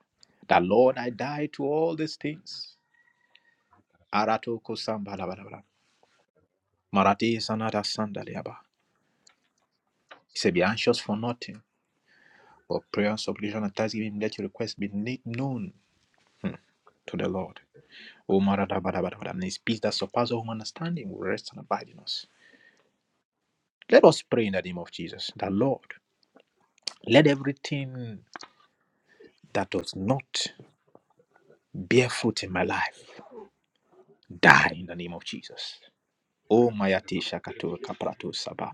That Lord, I die to all these things. Arato kosamba la Marati sanada sanda liaba. He said, be anxious for nothing, but prayer and supplication and thanksgiving let your request be made known hmm, to the Lord. O marada ba da ba And his peace that surpasses all understanding will rest and abide in us. Let us pray in the name of Jesus, that Lord, let everything that does not bear fruit in my life die in the name of Jesus. O mayatisha katu kapratu saba.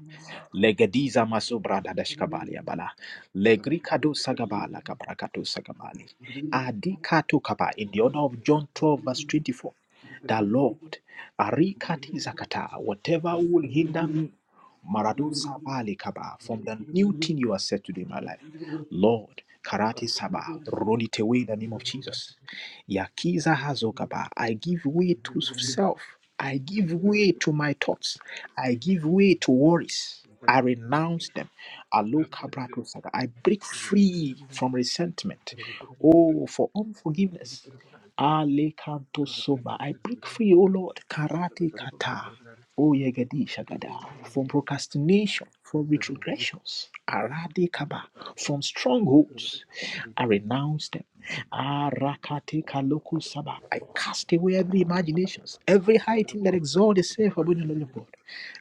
Legediza masubra dadashkabali abala. Legrikadu sagabala kabrakatu sagamali. Adikatu kaba. In the order of John 12 verse 24 that Lord, Arikati Zakata, whatever will hinder me, Maradusa Balikaba, from the new thing you are set to do in my life. Lord, Karate Saba, roll it away in the name of Jesus. Yakiza Hazokaba, I give way to self. I give way to my thoughts. I give way to worries. I renounce them. Alo Kabra saga. I break free from resentment. Oh, for unforgiveness. Alekanto Soma. I break free, O Lord, karate kata, O Yegedi Shagada, from procrastination, from retrogressions, arade kaba, from strongholds. I renounce them. Arakate kaloko saba. I cast away every imaginations, every high thing that exalts itself above the knowledge of God.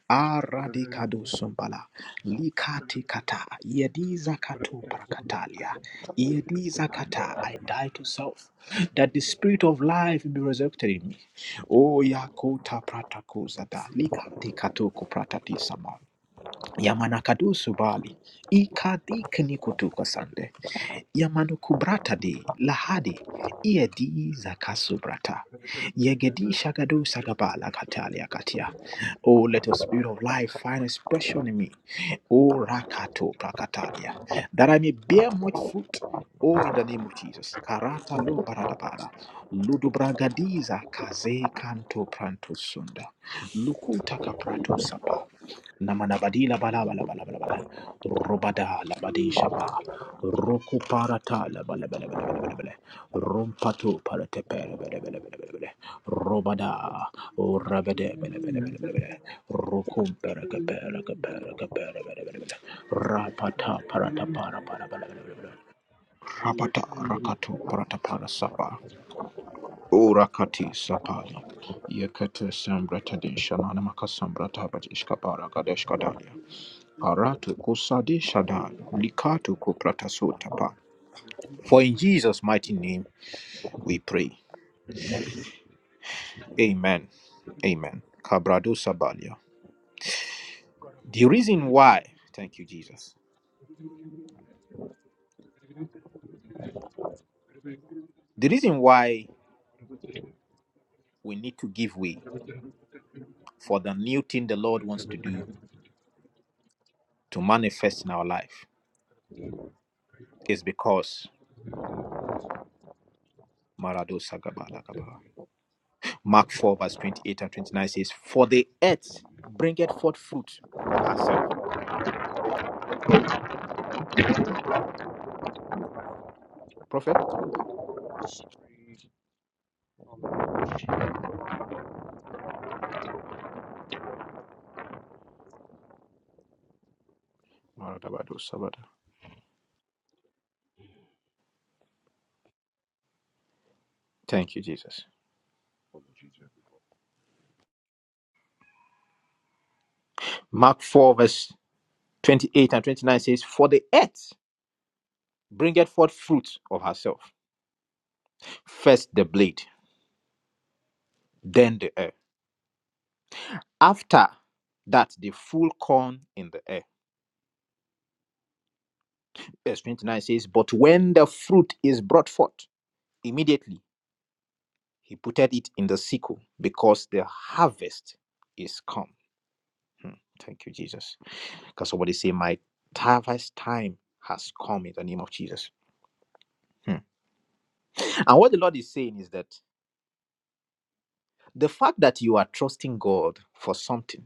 Arade kado sombala, likate kata, yediza kato parakatalia, yediza kata. I die to self that the spirit of life will be resurrected in me. Oh, Yakota Pratakozada, Likati Katoko Pratati Sama, Yamanakadu Subali, Ikadi Kenikotuka Sande. Yamanukubrata de Lahadi Iedi Zakasubrata Yegedi Shagadu Sagabala Katalia Katia. Oh, let the spirit of life find expression in me. Oh, Rakato Prakatalia, that I may bear much fruit. Oh, in the name of Jesus. Karata lo baradabada. Ludubragadiza kaze kanto pranto sunda. Lukuta kaprato sapa. Namanabadi la bala bala bala bala bala. Robada la badi shaba. Roku parata la bala bala bala bala bala bala. Rompatu parate pere bala bala bala bala bala. Robada. Rabade bala bala bala bala bala. Rokum pere ke pere ke pere ke pere bala bala bala. Rapata parata para para bala bala bala bala. Rapata rakatu parata para sapa. Urakati sapali. Yekete sembrata din shanana makasambrata bat ishkapara gadesh kadalia. Aratu kusadi shadal, likatu kupratasuntapa. For in Jesus' mighty name we pray. Amen. Amen. Kabrado sabalia. The reason why, thank you, Jesus. The reason why we need to give way for the new thing the Lord wants to do to manifest in our life is because Marado Sagaba Lagaba. Mark 4, verse 28 and 29 says, For the earth bringeth forth fruit of herself. Prophet? Maradabado Sabada. Thank you, Jesus. Mark 4, verse 28 and 29 says, For the earth bringeth forth fruit of herself, first the blade, then the ear. After that, the full corn in the ear. Verse 29 says, But when the fruit is brought forth, immediately he putteth it in the sickle, because the harvest is come. Hmm. Thank you, Jesus. Can somebody say, My harvest time has come in the name of Jesus? Hmm. And what the Lord is saying is that The fact that you are trusting God for something,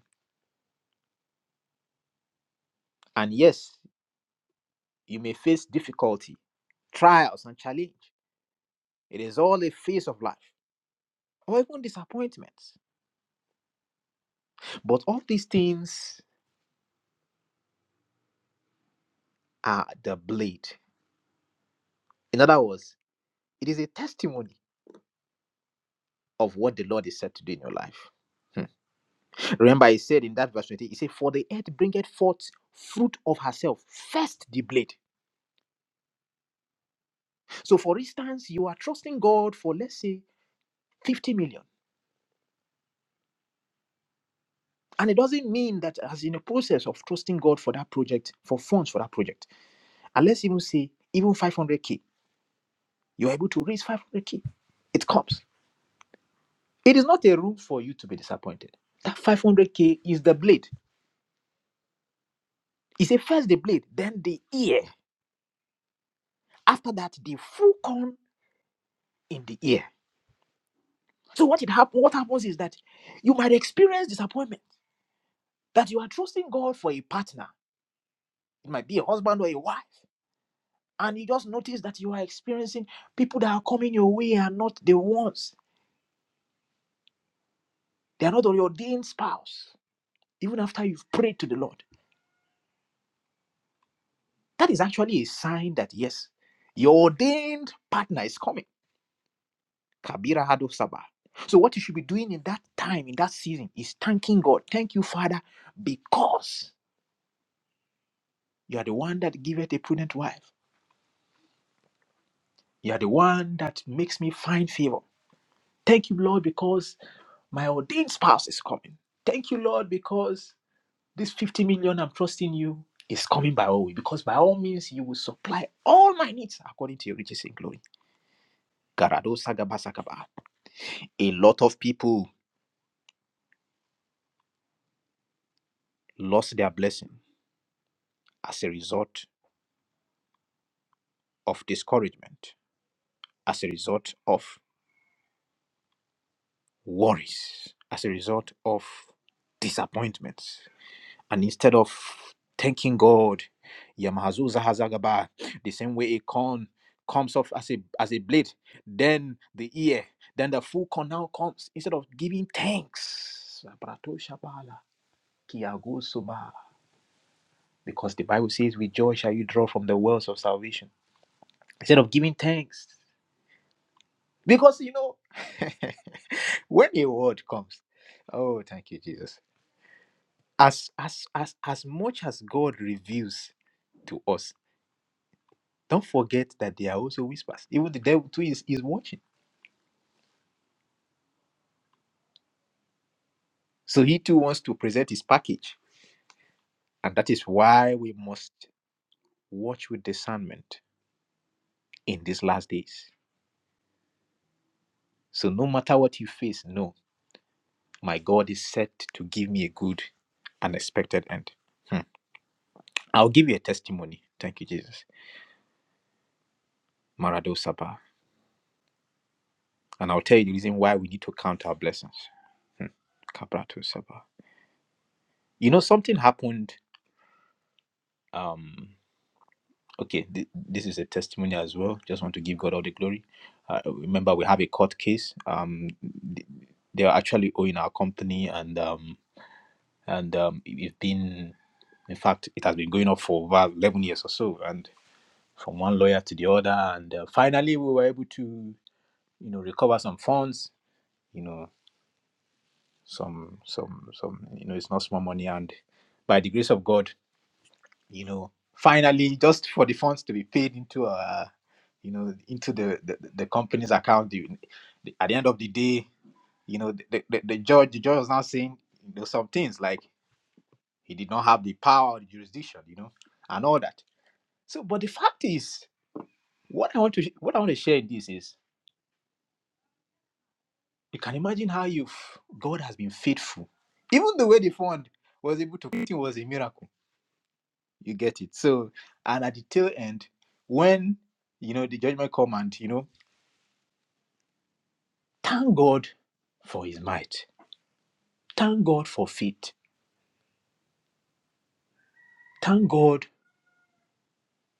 and yes, you may face difficulty, trials, and challenge. It is all a phase of life, or even disappointments. But all these things are the blade. In other words, it is a testimony of what the Lord is said to do in your life. Hmm. Remember, he said in that verse 20, he said, For the earth bringeth forth fruit of herself, first the blade. So, for instance, you are trusting God for, let's say, 50 million. And it doesn't mean that as in the process of trusting God for that project, for funds for that project, and let's even say even 500k, you're able to raise 500k. It comes. It is not a room for you to be disappointed. That 500k is the blade. It's a first the blade, then the ear. After that, the full corn in the ear. So what it hap what happens is that you might experience disappointment that you are trusting God for a partner. It might be a husband or a wife. and you just notice that you are experiencing people that are coming your way are not the ones. They are not your ordained spouse, even after you've prayed to the Lord. That is actually a sign that yes, your ordained partner is coming. Kabira Hado Sabah. So what you should be doing in that time, in that season, is thanking God. Thank you, Father, because you are the one that giveth a prudent wife. You are the one that makes me find favor. Thank you, Lord, because my ordained spouse is coming. Thank you, Lord, because This 50 million I'm trusting you is coming by all way because by all means you will supply all my needs according to your riches in glory. Garado sagaba sakaba. A lot of people lost their blessing as a result of discouragement, as a result of worries, as a result of disappointments. And instead of thanking God, Yamahazuza Hazagaba, the same way a corn comes off as a as a blade, then the ear, then the full corn now comes. Instead of giving thanks, Abrato Shabala, Kiago Soba, because the Bible says, "With joy shall you draw from the wells of salvation." Instead of giving thanks, because you know when a word comes, oh, thank you, Jesus. As as as as much as God reveals to us, Don't forget that there are also whispers. Even the devil too is, is watching. So he too wants to present his package. And that is why we must watch with discernment in these last days. So no matter what you face, know my God is set to give me a good and expected end. Hmm. I'll give you a testimony. Thank you, Jesus. Marado Sabah. And I'll tell you the reason why we need to count our blessings. Hmm. Kabrato Sabah. You know, something happened. Um, okay th- this is a testimony as well just want to give god all the glory uh, remember we have a court case um th- they are actually owing our company and um and um it- it's been in fact it has been going on for about 11 years or so and from one lawyer to the other and uh, finally we were able to you know recover some funds you know some some some you know it's not small money and by the grace of god you know finally just for the funds to be paid into uh you know into the the, the company's account you, at the end of the day you know the, the, the judge the judge was now saying you know some things like he did not have the power or the jurisdiction you know and all that so but the fact is what i want to sh- what i want to share in this is you can imagine how you've god has been faithful even the way the fund was able to it was a miracle you get it so and at the tail end when you know the judgment come and you know Thank God for his might. Thank God for faith. Thank God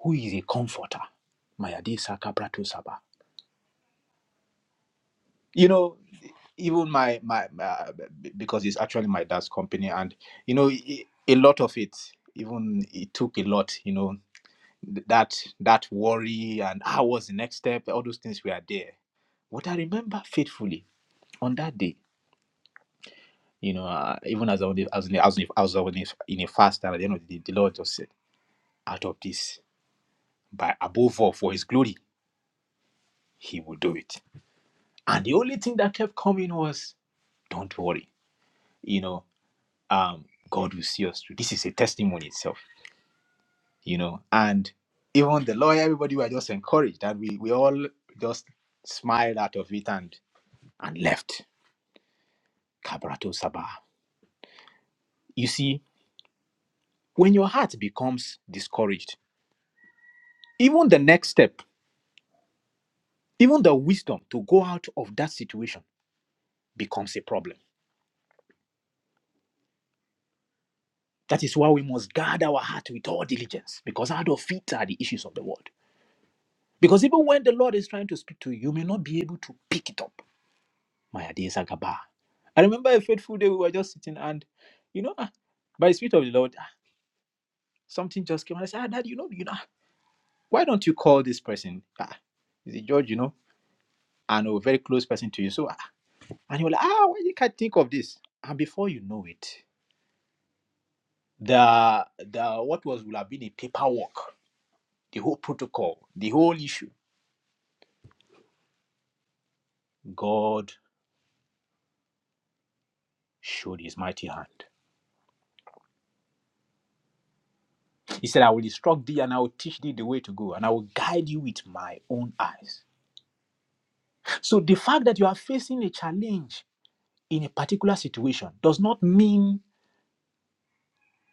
who is a comforter. Mayadi Sakabrato Saba. You know, even my, my, my, because it's actually my dad's company, and, you know, a lot of it, even it took a lot, you know, that that worry and how was the next step, all those things were there. What I remember faithfully on that day, you know, uh, even as I was, in- as in- as as I was in a fast, and at the end of the day, the Lord just said, out of this. But above all, for his glory, he will do it. And the only thing that kept coming was, don't worry, you know, um, God will see us through. This is a testimony itself, you know. And even the lawyer, everybody were just encouraged and we, we all just smiled out of it and and left. Kabrato Sabah. You see, when your heart becomes discouraged, even the next step, even the wisdom to go out of that situation becomes a problem That is why we must guard our heart with all diligence, because out of it are the issues of the world. Because even when the Lord is trying to speak to you, you may not be able to pick it up. My dear Zagaba. I remember a fateful day we were just sitting and, you know, ah, by the Spirit of the Lord, ah, something just came and I said, ah, Dad, you know, you know, ah, why don't you call this person? Ah, is it George, you know, and a very close person to you. So, ah, and you were like, ah, why you can't think of this? And before you know it, the the what was would have been a paperwork, the whole protocol, the whole issue God showed his mighty hand. He said, I will instruct thee and I will teach thee the way to go and I will guide you with my own eyes. So the fact that you are facing a challenge in a particular situation does not mean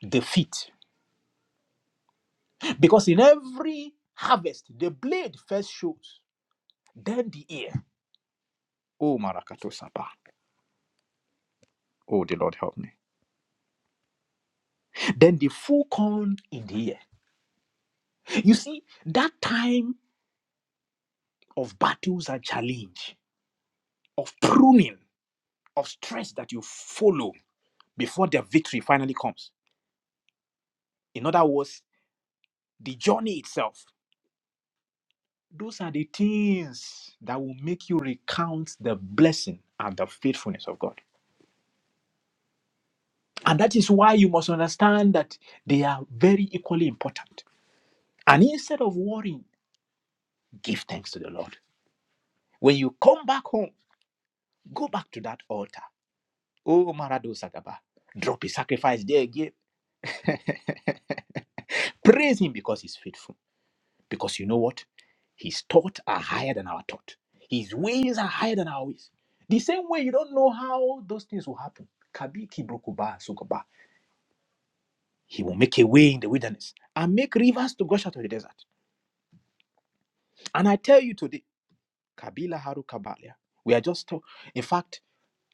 defeat. Because in every harvest, the blade first shows, then the ear. Oh, Marakato Sapa. Oh, the Lord help me. Then the full corn in the ear. You see, that time of battles and challenge, of pruning, of stress that you follow before their victory finally comes. In other words, the journey itself. Those are the things that will make you recount the blessing and the faithfulness of God. And that is why you must understand that they are very equally important. And instead of worrying, give thanks to the Lord. When you come back home, go back to that altar. Oh, Marado Sagaba, drop a sacrifice there again. Praise Him because He's faithful. Because you know what? His thoughts are higher than our thought. His ways are higher than our ways. The same way you don't know how those things will happen. Kabiki brokuba sukoba. He will make a way in the wilderness and make rivers to gush out of the desert. And I tell you today, Kabila Haru Kabalia, we are just, talk- in fact,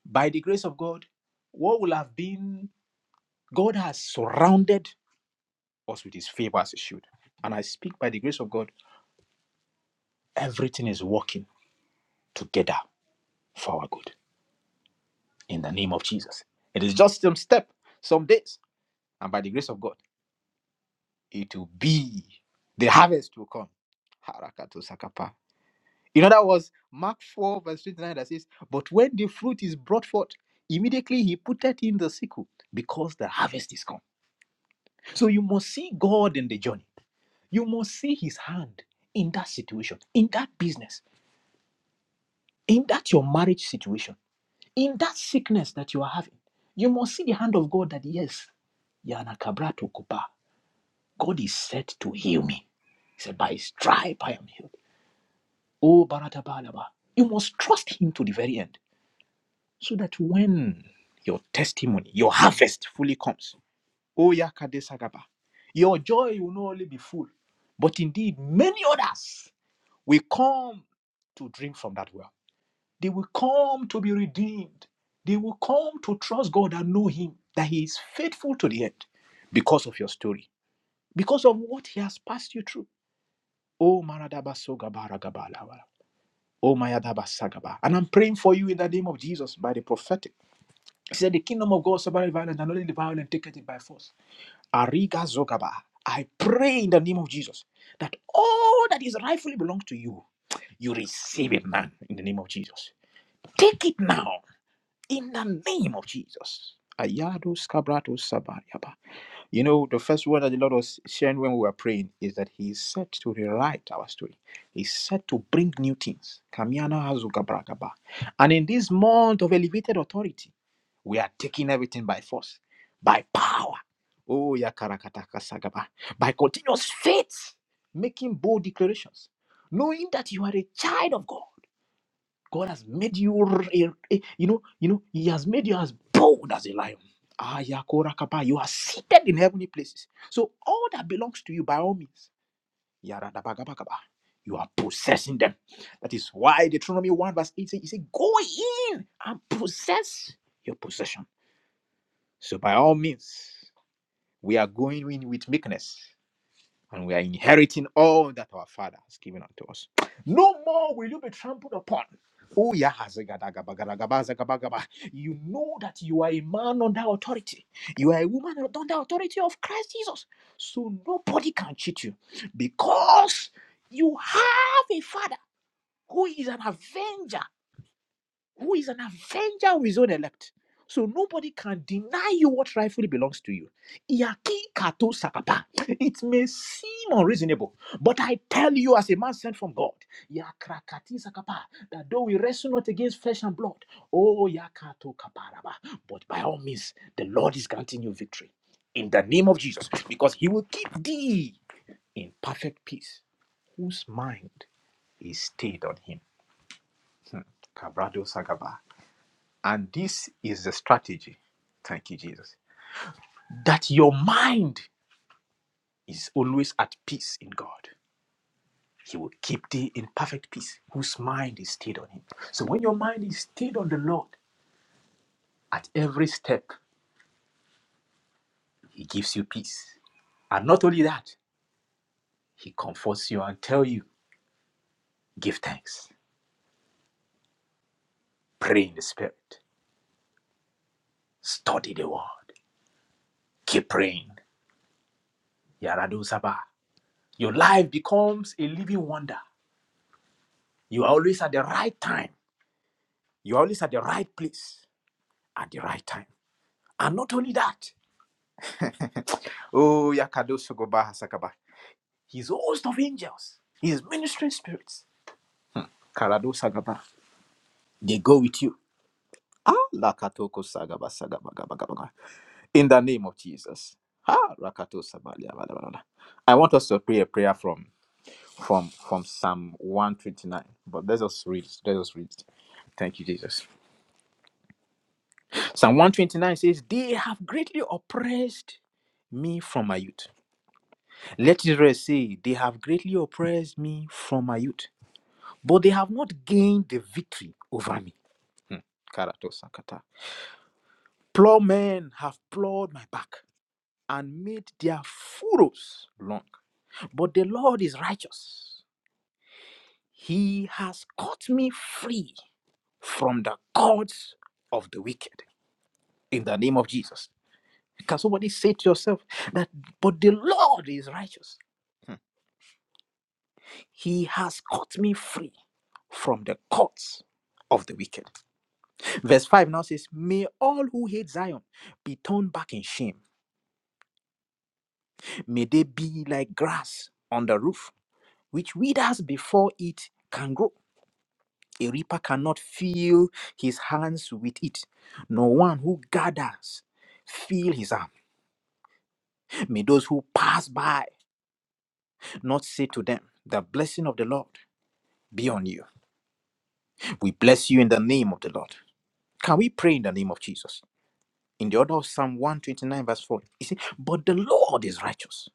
by the grace of God, what will have been, God has surrounded us with his favor as a shield. And I speak by the grace of God, everything is working together for our good. in the name of Jesus. It is just some step, some days, and by the grace of God, it will be the harvest will come. Harakato sakapa. In other words, Mark 4, verse 29 that says, But when the fruit is brought forth, immediately he put it in the sickle because the harvest is come. So you must see God in the journey. You must see his hand in that situation, in that business, in that your marriage situation In that sickness that you are having, you must see the hand of God that, yes, Yana Kabrato Kupa, God is set to heal me. He said, By his stripe I am healed. Oh, Baratabalaba. You must trust him to the very end so that when your testimony, your harvest fully comes, oh, Yakade Sagaba, your joy will not only be full, but indeed many others will come to drink from that well. They will come to be redeemed. They will come to trust God and know Him, that He is faithful to the end because of your story, because of what He has passed you through. Oh, Maradaba Sogabaragabalawara. Oh, Mayadaba And I'm praying for you in the name of Jesus by the prophetic. He said, The kingdom of God survives violence, and only the violent take it by force. Ariga Zogaba. I pray in the name of Jesus that all that is rightfully belongs to you, you receive it now in the name of Jesus. Take it now in the name of Jesus. Ayado Skabrato Sabariaba. You know, the first word that the Lord was sharing when we were praying is that He is set to rewrite our story. He's set to bring new things. Kamiana Hazugabrakaba. And in this month of elevated authority, we are taking everything by force, by power. Oh, Yakarakataka Sagaba. By continuous faith, making bold declarations, knowing that you are a child of God God has made you, r- a- a- you know, you know, He has made you as bold as a lion. Ah, Yakora Kapa, you are seated in heavenly places. So all that belongs to you, by all means, Yaradabagabagaba, you are possessing them. That is why Deuteronomy 1 verse 8 says, He said, Go in and possess your possession. So by all means, we are going in with meekness and we are inheriting all that our Father has given unto us. No more will you be trampled upon. Oh, yeah. hazagadagabagadagabazagabagaba. You know that you are a man under authority. You are a woman under authority of Christ Jesus. So nobody can cheat you because you have a father who is an avenger who is an avenger of his own elect. So nobody can deny you what rightfully belongs to you. Iyaki kato sakapa. It may seem unreasonable, but I tell you, as a man sent from God, yakrakati sakapa, that though we wrestle not against flesh and blood, oh yakato kaparaba, but by all means, the Lord is granting you victory in the name of Jesus, because He will keep thee in perfect peace, whose mind is stayed on Him. Hmm. Kabrado Sagaba. And this is the strategy. Thank you, Jesus. That your mind is always at peace in God. He will keep thee in perfect peace, whose mind is stayed on Him. So when your mind is stayed on the Lord, at every step, He gives you peace. And not only that, He comforts you and tells you, give thanks, pray in the Spirit, study the Word, keep praying. Yaradu Sabah. Your life becomes a living wonder. You are always at the right time. You are always at the right place. at the right time. And not only that, oh, Yakadosu Gobaha Sakaba, his host of angels, his ministering spirits, Karado Sagaba, they go with you. Ah, Lakatoko Sagaba Sagaba Gaba Gaba Gaba. In the name of Jesus. Ah, Rakato Sabalia Bala Bala Bala. I want us to pray a prayer from from from Psalm 129. But let us read. Let us read. Thank you, Jesus. Psalm 129 says, They have greatly oppressed me from my youth. Let Israel say, They have greatly oppressed me from my youth, but they have not gained the victory over me. Hmm. Karato sakata. Plowmen have plowed my back and made their furrows long. But the Lord is righteous. He has cut me free from the cords of the wicked. In the name of Jesus. Can somebody say to yourself that, but the Lord is righteous? He has cut me free from the courts of the wicked. Verse 5 now says, May all who hate Zion be turned back in shame. May they be like grass on the roof, which withers before it can grow. A reaper cannot fill his hands with it, No one who gathers feel his arm. May those who pass by not say to them, The blessing of the Lord be on you. We bless you in the name of the Lord. Can we pray in the name of Jesus? in the order of Psalm 129, verse 4. You see, but the Lord is righteous,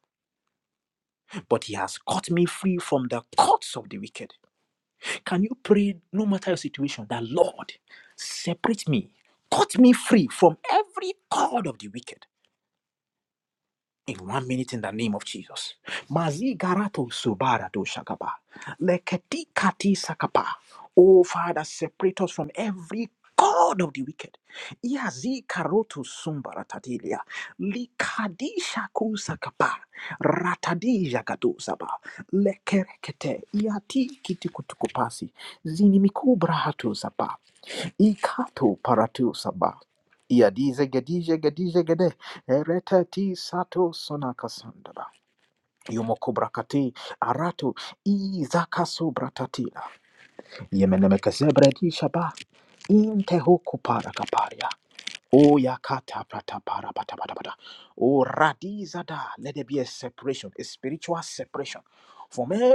but he has cut me free from the courts of the wicked. Can you pray, no matter your situation, that Lord, separate me, cut me free from every cord of the wicked? in one minute in the name of Jesus. Mazigarato subarato shakapa. Leketi kati sakapa. Oh Father, separate us from every God of the wicked. Iazi karoto sumbaratatilia. Likadisha kusakapa. Ratadija gadozaba. Lekerekete. Iati kitikutukupasi. Zinimiku hatu zaba. Ikato paratu saba. Iadize gedize gedize gede. Eretati sato sonaka sandara. Yumokobrakati aratu izakaso bratatila. Yemenemekeze bredi shaba. Inte huku para kaparia. Oh, yakata prata para pata pata pata. Oh, radiza da. Let there be a separation, a spiritual separation from every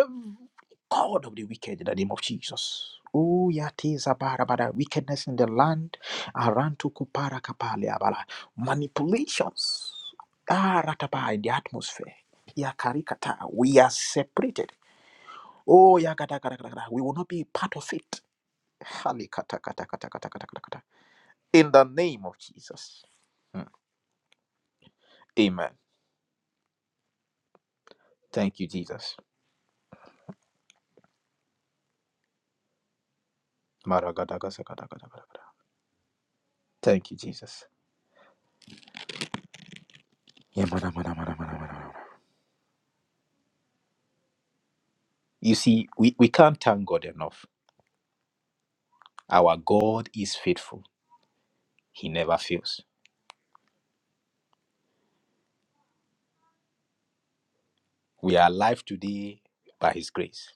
god of the wicked in the name of Jesus. Oh, yatiza para para. Wickedness in the land. Arantuku para kapale abala. Manipulations. Ah, ratapa in the atmosphere. Yakarikata. We are separated. Oh, yakata kata kata kata. We will not be part of it. Halikata kata kata kata kata kata kata. In the name of Jesus. Hmm. Amen. Thank you, Jesus. Maragadagasagadagadagadagada. Thank you, Jesus. Yeah, mara, mara, mara, mara, mara, mara. You see, we, we can't thank God enough. Our God is faithful, He never fails. We are alive today by His grace,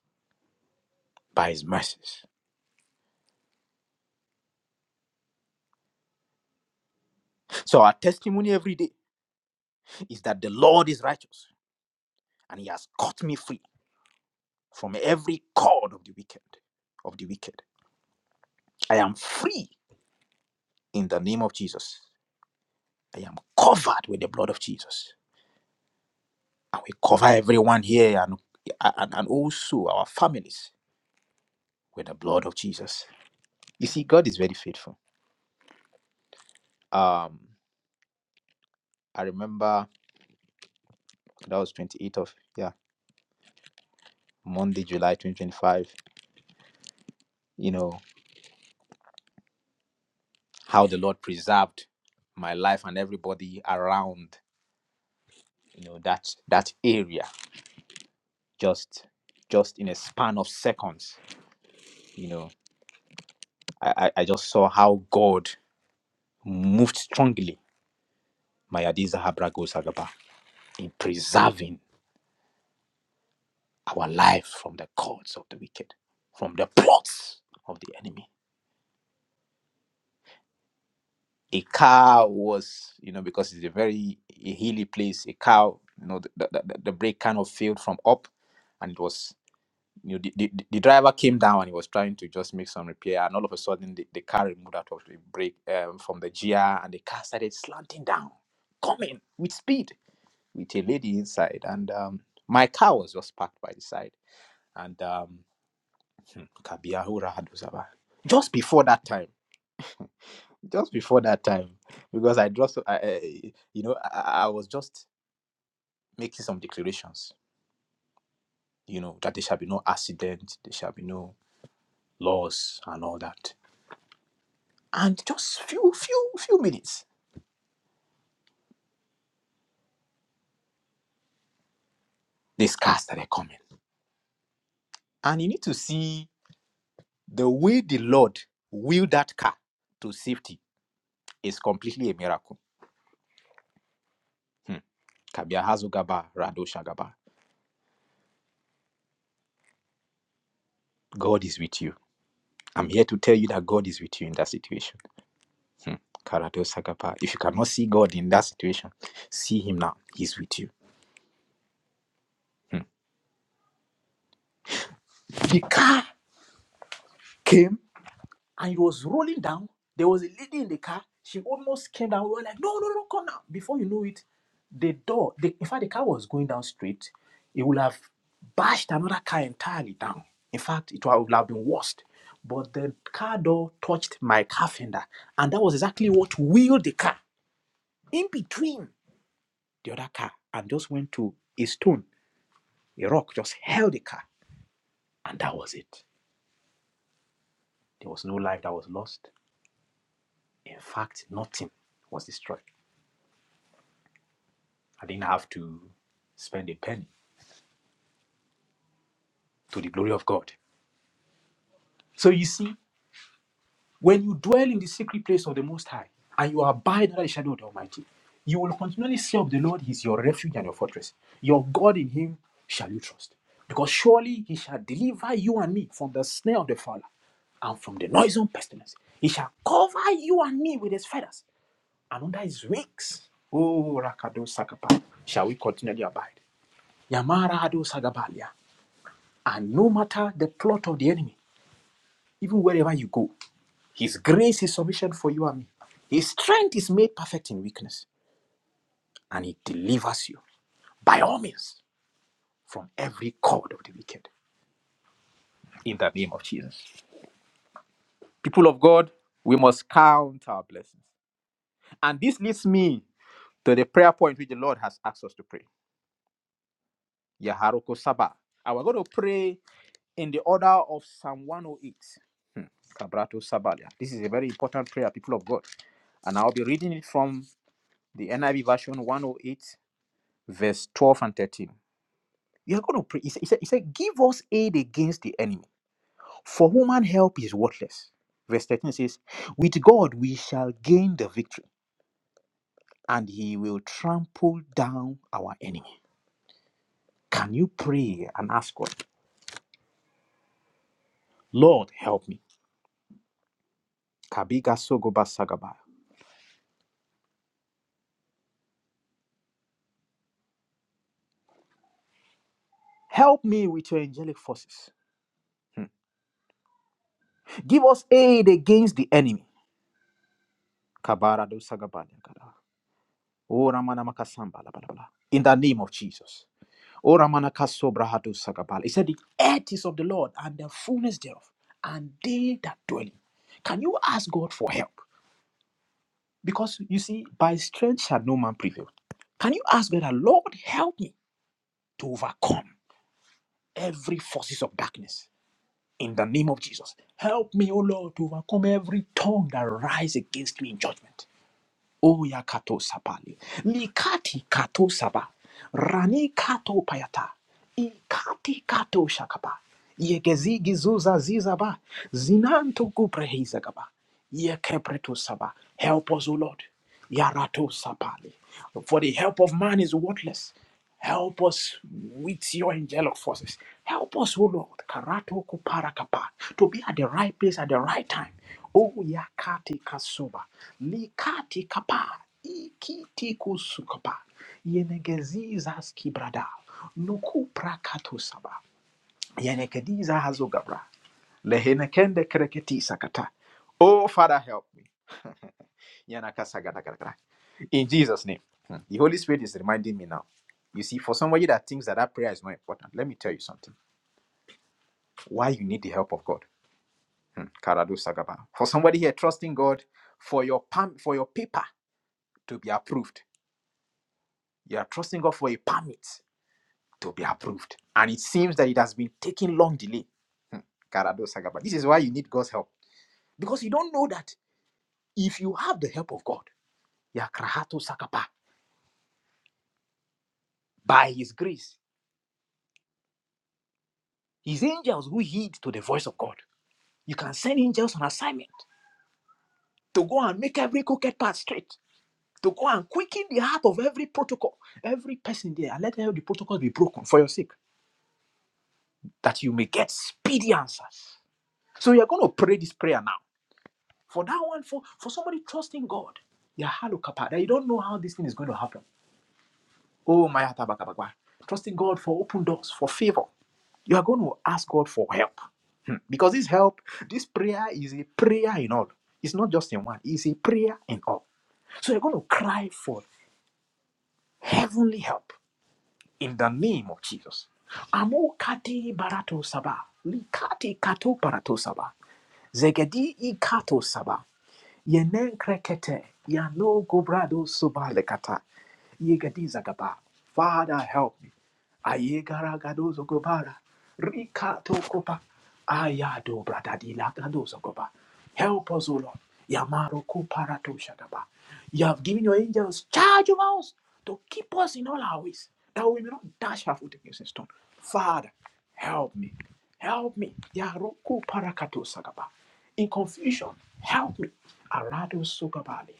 by His mercies. So, our testimony every day is that the Lord is righteous and He has cut me free from every cord of the wicked. Of the wicked. I am free in the name of Jesus. I am covered with the blood of Jesus. And we cover everyone here and, and, and also our families with the blood of Jesus. You see, God is very faithful. Um, I remember that was 28th of, yeah, Monday, July 2025, you know, how the Lord preserved my life and everybody around, you know, that that area just just in a span of seconds. You know, I, I I just saw how God moved strongly, Mayadiza Habragosagaba, in preserving our life from the cords of the wicked, from the plots of the enemy. A cow was, you know, because it's a very hilly place, a cow, you know, the, the, the the brake kind of failed from up and it was, you know, the, the, the driver came down and he was trying to just make some repair and all of a sudden the, the car removed out of the brake um, from the gear, and the car started slanting down, coming with speed with a lady inside and um, my car was just parked by the side and um, Hmm, Kabiyahura Hadusaba. Just before that time, just before that time, because I just, I, I- you know, I, I was just making some declarations, you know, that there shall be no accident, there shall be no loss, and all that. And just few, few, few minutes, this car started coming, and you need to see the way the Lord willed that car to safety is completely a miracle. Hmm. Kabiyahazugaba Radoshagaba. God is with you. I'm here to tell you that God is with you in that situation Hmm. Karate If you cannot see God in that situation, see Him now. He's with you. Hmm. The car came and it was rolling down. There was a lady in the car. She almost came down. We were like, no, no, no, come now. Before you know it, the door, the, in fact, the car was going down straight. It would have bashed another car entirely down. In fact, it would have been worse. But the car door touched my car fender, and that was exactly what wheeled the car in between the other car and just went to a stone A rock just held the car, and that was it. There was no life that was lost. In fact, nothing was destroyed. I didn't have to spend a penny to the glory of God. So you see, when you dwell in the secret place of the Most High and you abide under the shadow of the Almighty, you will continually say of the Lord, He is your refuge and your fortress. Your God in Him shall you trust. Because surely He shall deliver you and me from the snare of the fowler and from the noisome pestilence. He shall cover you and me with His feathers Another is weeks. Oh, Rakado Sagaba. Shall we continually abide? Yamara Hado Sagabalia. And no matter the plot of the enemy, even wherever you go, his grace is sufficient for you and me. His strength is made perfect in weakness, and he delivers you by all means from every cord of the wicked. In the name of Jesus. People of God, we must count our blessings. And this leads me to the prayer point which the Lord has asked us to pray. Yaharuko Sabah. And we're going to pray in the order of Psalm 108. Hmm. Kabrato Sabalia. This is a very important prayer, people of God. And I'll be reading it from the NIV version 108, verse 12 and 13. You are going to pray. He said, he, said, he said, Give us aid against the enemy, for human help is worthless. Verse 13 says, With God we shall gain the victory, and he will trample down our enemy. Can you pray and ask God, Lord, help me? Kabiga Sogoba Sagaba. Help me with your angelic forces. Hmm. Give us aid against the enemy. Kabara do kada. O Ramana makasamba la bala bala. In the name of Jesus. O Ramana kasobra hadu sagabala. He said, The earth is of the Lord and the fullness thereof, and they that dwell in. it." Can you ask God for help? Because you see, by strength shall no man prevail. Can you ask God, that, Lord, help me to overcome every forces of darkness in the name of Jesus? Help me, O Lord, to overcome every tongue that rise against me in judgment. Oya kato sapali. Mikati kato saba. Rani kato payata. Ikati kato shakaba. Yegezi gizuza zizaba. Zinanto kuprehizagaba. Yekepreto saba. Help us, O Lord. Yarato sapali. For the help of man is worthless. Help us with your angelic forces. Help us, O Lord, karato kuparakapa, to be at the right place at the right time. O yakati kasuba, likati kapa, ikiti kusukapa, yenegeziza skibrada, nuku prakato saba, yenegediza hazogabra, lehenekende kreketi sakata. Oh, Father, help me. In Jesus' name. Hmm. The Holy Spirit is reminding me now. You see, for somebody that thinks that that prayer is not important, let me tell you something. Why you need the help of God. Hmm. Karadu Sagaba. For somebody here trusting God for your perm- for your paper to be approved. You are trusting God for a permit to be approved. And it seems that it has been taking long delay. Hmm. Karadu Sagaba. This is why you need God's help. Because you don't know that if you have the help of God, Yakrahato Sakapa, by his grace. His angels who heed to the voice of God. You can send angels on assignment to go and make every crooked path straight, to go and quicken the heart of every protocol, every person there, and let every protocol be broken for your sake, that you may get speedy answers. So you're going to pray this prayer now. For that one, for, for somebody trusting God, yeah, hello, Kappa, that you don't know how this thing is going to happen. Oh, my heart, abakabakwa. trusting God for open doors, for favor, You are going to ask God for help. Hmm. Because this help, this prayer is a prayer in all. It's not just in one, it's a prayer in all. So you're going to cry for heavenly help in the name of Jesus. Amo kati barato saba. Likati kato barato saba. Zegedi ikato saba. Yenen krekete, yano gobrado subalekata, gaba. Father, help me. Ayegaragadozo gobara, rikato kopa, ayado bradadilagadozo goba. Help us, O Lord. Yamaro kuparato shagaba. You have given your angels charge of us to keep us in all our ways, that we may not dash our foot against a stone. Father, help me. Help me. Yaroku parakato sagaba in confusion. Help me. Arado sokabali.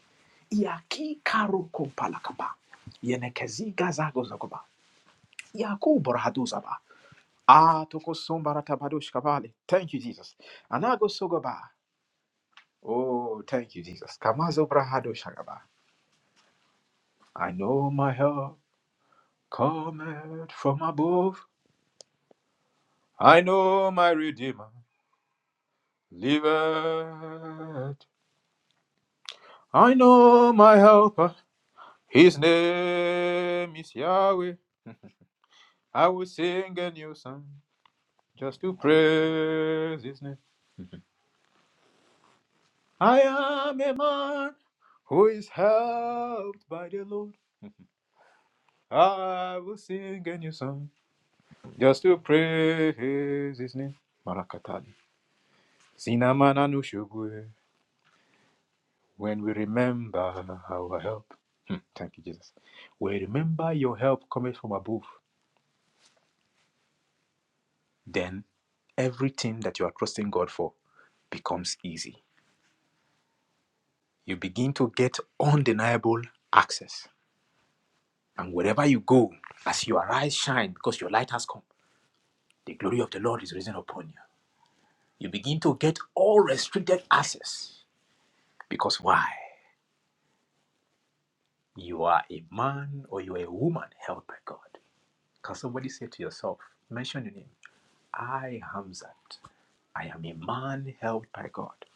Iaki karo kompalakaba. Yenekezi gazago zagoba. Yaku borado zaba. Ah, toko sombara tabadosh kabali. Thank you, Jesus. Anago sogaba. Oh, thank you, Jesus. Kamazo brahado shagaba. I know my help cometh from above. I know my Redeemer liveth. I know my helper. His name is Yahweh. I will sing a new song just to praise His name. I am a man who is helped by the Lord. I will sing a new song just to praise His name. Marakatali. Sinamana nushugwe. When we remember our help. Hmm, Thank you, Jesus. We remember your help coming from above. Then everything that you are trusting God for becomes easy. You begin to get undeniable access And wherever you go, as your eyes shine, because your light has come, the glory of the Lord is risen upon you. You begin to get all restricted access. Because why? You are a man or you are a woman held by God. Can somebody say to yourself, mention your name, I, Hamzat, I am a man held by God.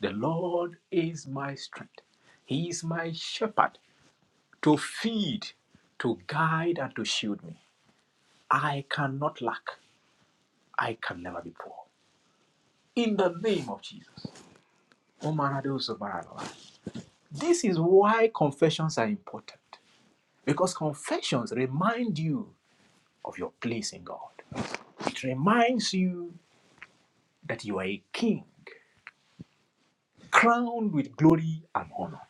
The Lord is my strength. He is my shepherd to feed, to guide, and to shield me. I cannot lack. I can never be poor. in the name of Jesus. This is why confessions are important because confessions remind you of your place in God. It reminds you that you are a king crowned with glory and honor.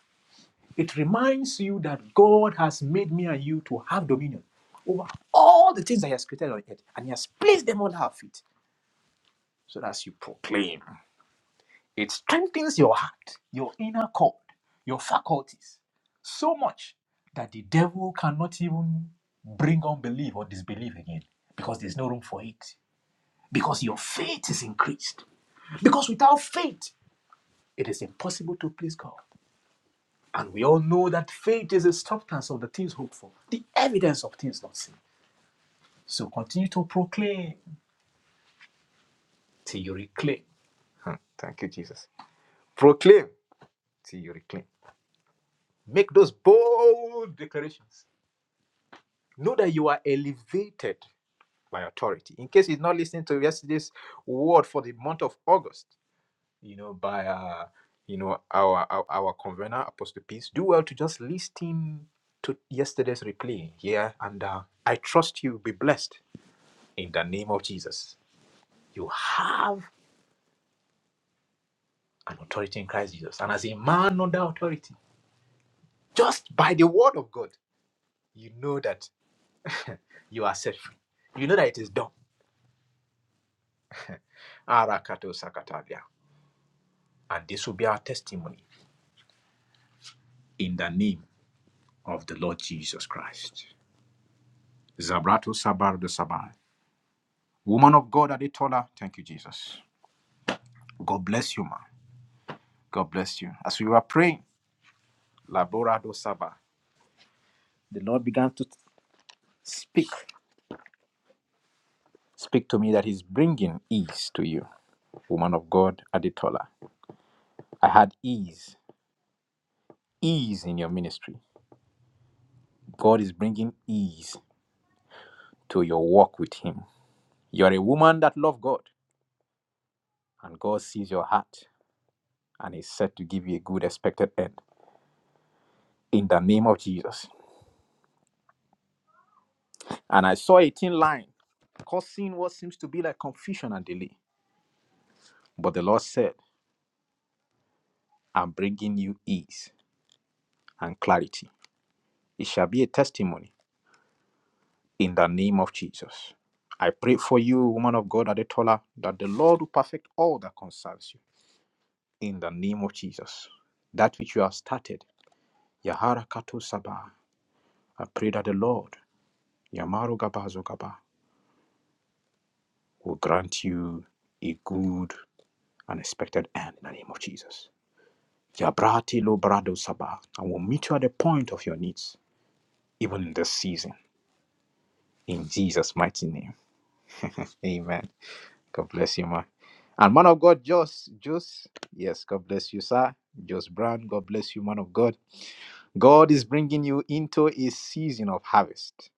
It reminds you that God has made me and you to have dominion over all the things that He has created on earth and He has placed them under our feet so that as you proclaim. It strengthens your heart, your inner cord, your faculties so much that the devil cannot even bring unbelief or disbelief again because there's no room for it. Because your faith is increased. Because without faith, it is impossible to please God. And we all know that faith is the substance of the things hoped for, the evidence of things not seen. So continue to proclaim till you reclaim. Hmm, Thank you, Jesus. Proclaim till you reclaim. Make those bold declarations Know that you are elevated by authority. In case you're not listening to yesterday's word for the month of August, you know, by uh, you know, our our, our convener, Apostle Peace, do well to just listen to yesterday's replay here. Yeah? And uh, I trust you will be blessed in the name of Jesus. You have an authority in Christ Jesus. And as a man under authority, just by the word of God, you know that you are set free. You know that it is done. Arakato sakatalia. And this will be our testimony in the name of the Lord Jesus Christ. Zabrato Sabar de sabar. Woman of God Aditola, thank you, Jesus. God bless you, ma. God bless you. As we were praying, Labora do sabar. the Lord began to speak. Speak to me that He's bringing ease to you, woman of God Aditola. I had ease, ease in your ministry. God is bringing ease to your walk with Him. You are a woman that loves God, and God sees your heart. and is set to give you a good expected end in the name of Jesus. And I saw a thin line causing what seems to be like confusion and delay. But the Lord said, I'm bringing you ease and clarity. It shall be a testimony in the name of Jesus. I pray for you, woman of God, Adetola, that the Lord will perfect all that concerns you in the name of Jesus. That which you have started, Yahara Kato Sabah, I pray that the Lord, Yamaru Gabazo Gaba, will grant you a good unexpected end in the name of Jesus. Yabrati lo brado sabah. I will meet you at the point of your needs, even in this season, in Jesus' mighty name. Amen. God bless you, man. And man of God, Jos, Jos, yes, God bless you, sir. Jos Brown, God bless you, man of God. God is bringing you into a season of harvest.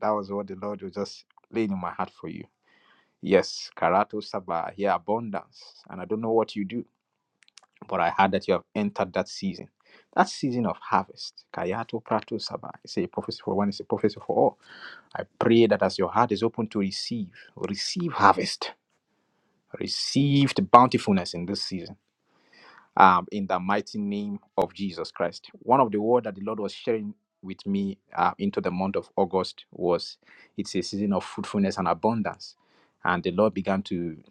That was what the Lord was just laying in my heart for you. Yes, Karato Sabah, here abundance. And I don't know what you do, But I heard that you have entered that season, that season of harvest. Kayato Prato Saba. It's a prophecy for one, it's a prophecy for all. I pray that as your heart is open to receive, receive harvest, receive the bountifulness in this season. Um, in the mighty name of Jesus Christ. One of the words that the Lord was sharing with me uh, into the month of August was it's a season of fruitfulness and abundance. And the Lord began to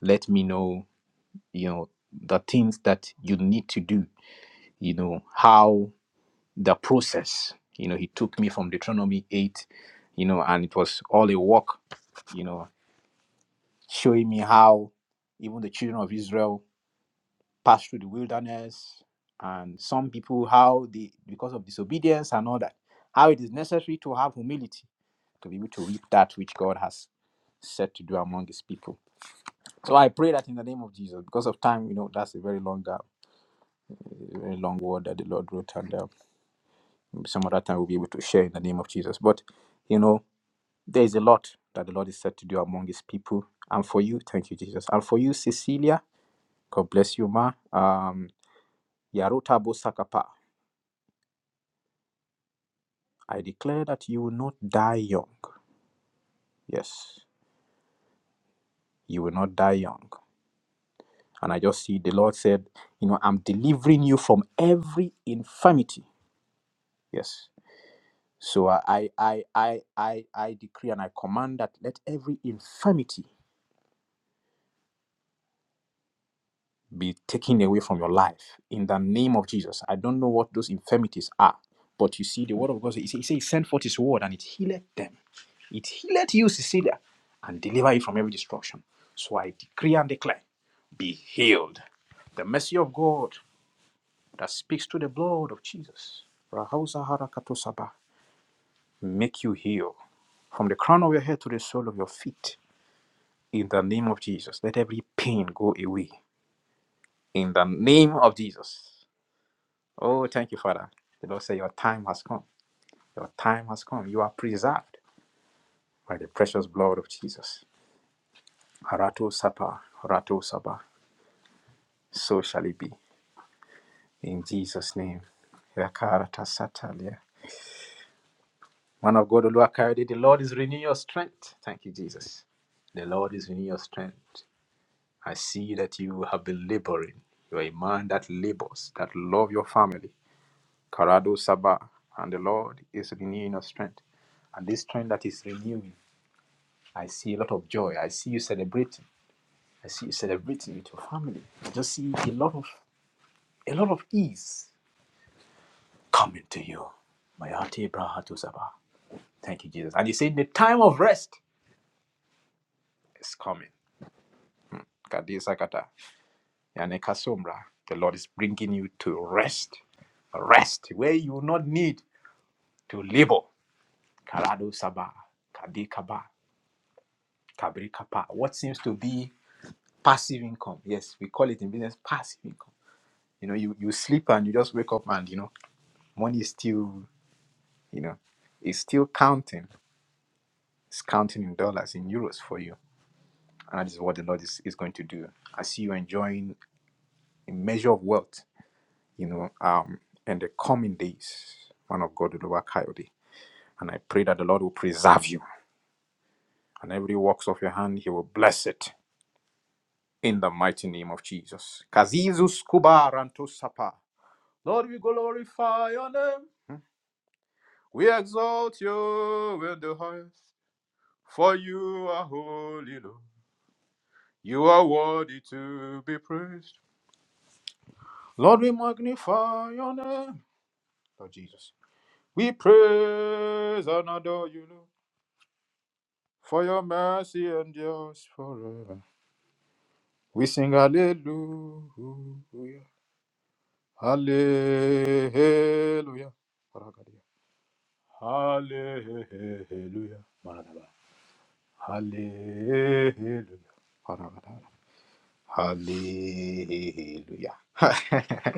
let me know, you know, the things that you need to do you know, how the process, you know, he took me from Deuteronomy 8, you know, and it was all a walk, you know, showing me how even the children of Israel passed through the wilderness and some people, how they, because of disobedience and all that, how it is necessary to have humility to be able to reap that which God has set to do among his people. So I pray that in the name of Jesus, because of time, you know, that's a very long, uh, very long word that the Lord wrote, and um, Some other time we'll be able to share in the name of Jesus. But, you know, there is a lot that the Lord is set to do among his people. And for you, thank you, Jesus. And for you, Cecilia, God bless you, Ma. Um, Yaruta Bosakapa, I declare that you will not die young. Yes, you will not die young. And I just see the Lord said, you know, I'm delivering you from every infirmity. Yes. So I I I I I I decree and I command that let every infirmity be taken away from your life in the name of Jesus. I don't know what those infirmities are, but you see, the word of God says, He says, he he sent forth His word and it healed them. It healed you, Cecilia, and deliver you from every destruction. So I decree and declare, be healed. The mercy of God that speaks to the blood of Jesus, Rahauza Harakatosaba, make you heal from the crown of your head to the sole of your feet. In the name of Jesus, let every pain go away. In the name of Jesus. Oh, thank you, Father. The Lord said, Your time has come. Your time has come. You are preserved by the precious blood of Jesus. Arato Sapa, Arato Saba. So shall it be. In Jesus' name. Yakarata Satalia. Man of God, Oluwakayode, the Lord is renewing your strength. Thank you, Jesus. The Lord is renewing your strength. I see that you have been laboring. You are a man that labors, that love your family. Karado Saba. And the Lord is renewing your strength. And this strength that is renewing. I see a lot of joy. I see you celebrating. I see you celebrating with your family. I just see a lot of a lot of ease coming to you. Mayate Brahatu Sabah. Thank you, Jesus. And you say the time of rest is coming. Kadi Sakata. Yane Kasombra. The Lord is bringing you to rest. Rest where you will not need to labor. Karado Sabah. Kadi Kaba. Kabri Kapa. What seems to be passive income. Yes, we call it in business passive income You know, you, you sleep and you just wake up and, you know, money is still, you know, it's still counting. It's counting in dollars, in euros for you. And that is what the Lord is, is going to do. I see you enjoying a measure of wealth, you know, um, in the coming days, man of God, Oluwa Coyote. And I pray that the Lord will preserve you. And every works of your hand, He will bless it in the mighty name of Jesus. Kazizus Kuba Ranto Sapa. Lord, we glorify your name. We exalt you in the highest, for you are holy, Lord. You are worthy to be praised. Lord, we magnify your name, Lord Jesus. We praise and adore you, Lord, for your mercy endures forever. We sing hallelujah, hallelujah, hallelujah, hallelujah. hallelujah. Hallelujah.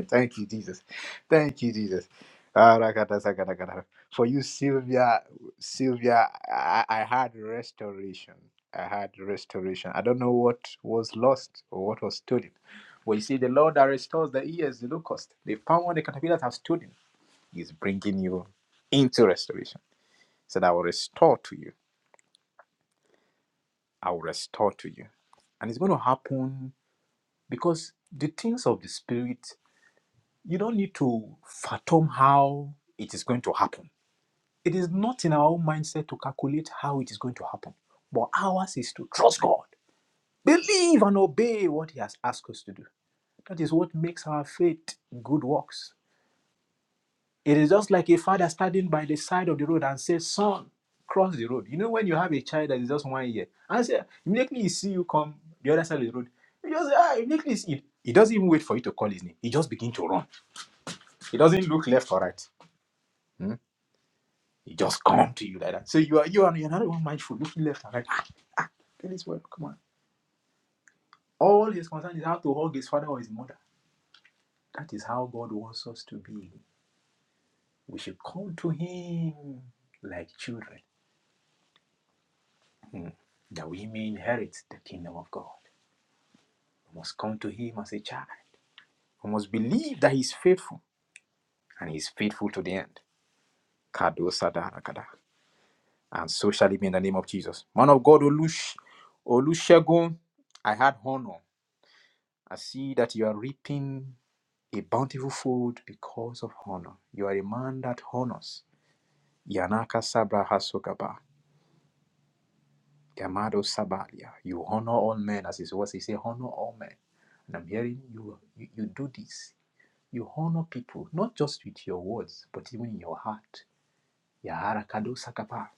Thank you, Jesus. Thank you, Jesus. Arakatasakarakatar. For you, Sylvia, Sylvia, I, I had restoration. I had restoration. I don't know what was lost or what was stolen. But you see, the Lord that restores the ears, the locust, the power the caterpillars have stolen, is bringing you into restoration. He said, I will restore to you. I will restore to you. And it's going to happen because the things of the Spirit you don't need to fathom how it is going to happen. It is not in our own mindset to calculate how it is going to happen, but ours is to trust God, believe and obey what He has asked us to do. That is what makes our faith good works. It is just like a father standing by the side of the road and says, Son, cross the road. You know, when you have a child that is just one year, and say, immediately he see you come the other side of the road, he just, ah, immediately, he, he doesn't even wait for you to call his name. He just begins to run. He doesn't look left or right. It just come to you like that. So you are you are you're not even mindful, looking left and right. Ah, get this word, come on. All his concern is how to hug his father or his mother. That is how God wants us to be. We should come to him like children, hmm, that we may inherit the kingdom of God. We must come to him as a child. We must believe that he is faithful, and he is faithful to the end. Kado sada rakada. And so shall it be in the name of Jesus. Man of God, Olush, Olusegun, I had honor. I see that you are reaping a bountiful food because of honor. You are a man that honors. Yanaka Sabra Hasokaba, Yamado Sabalia. You honor all men, as his words he say, honor all men. And I'm hearing you, you, you do this. You honor people, not just with your words, but even in your heart. Yahara Kado Sakapa.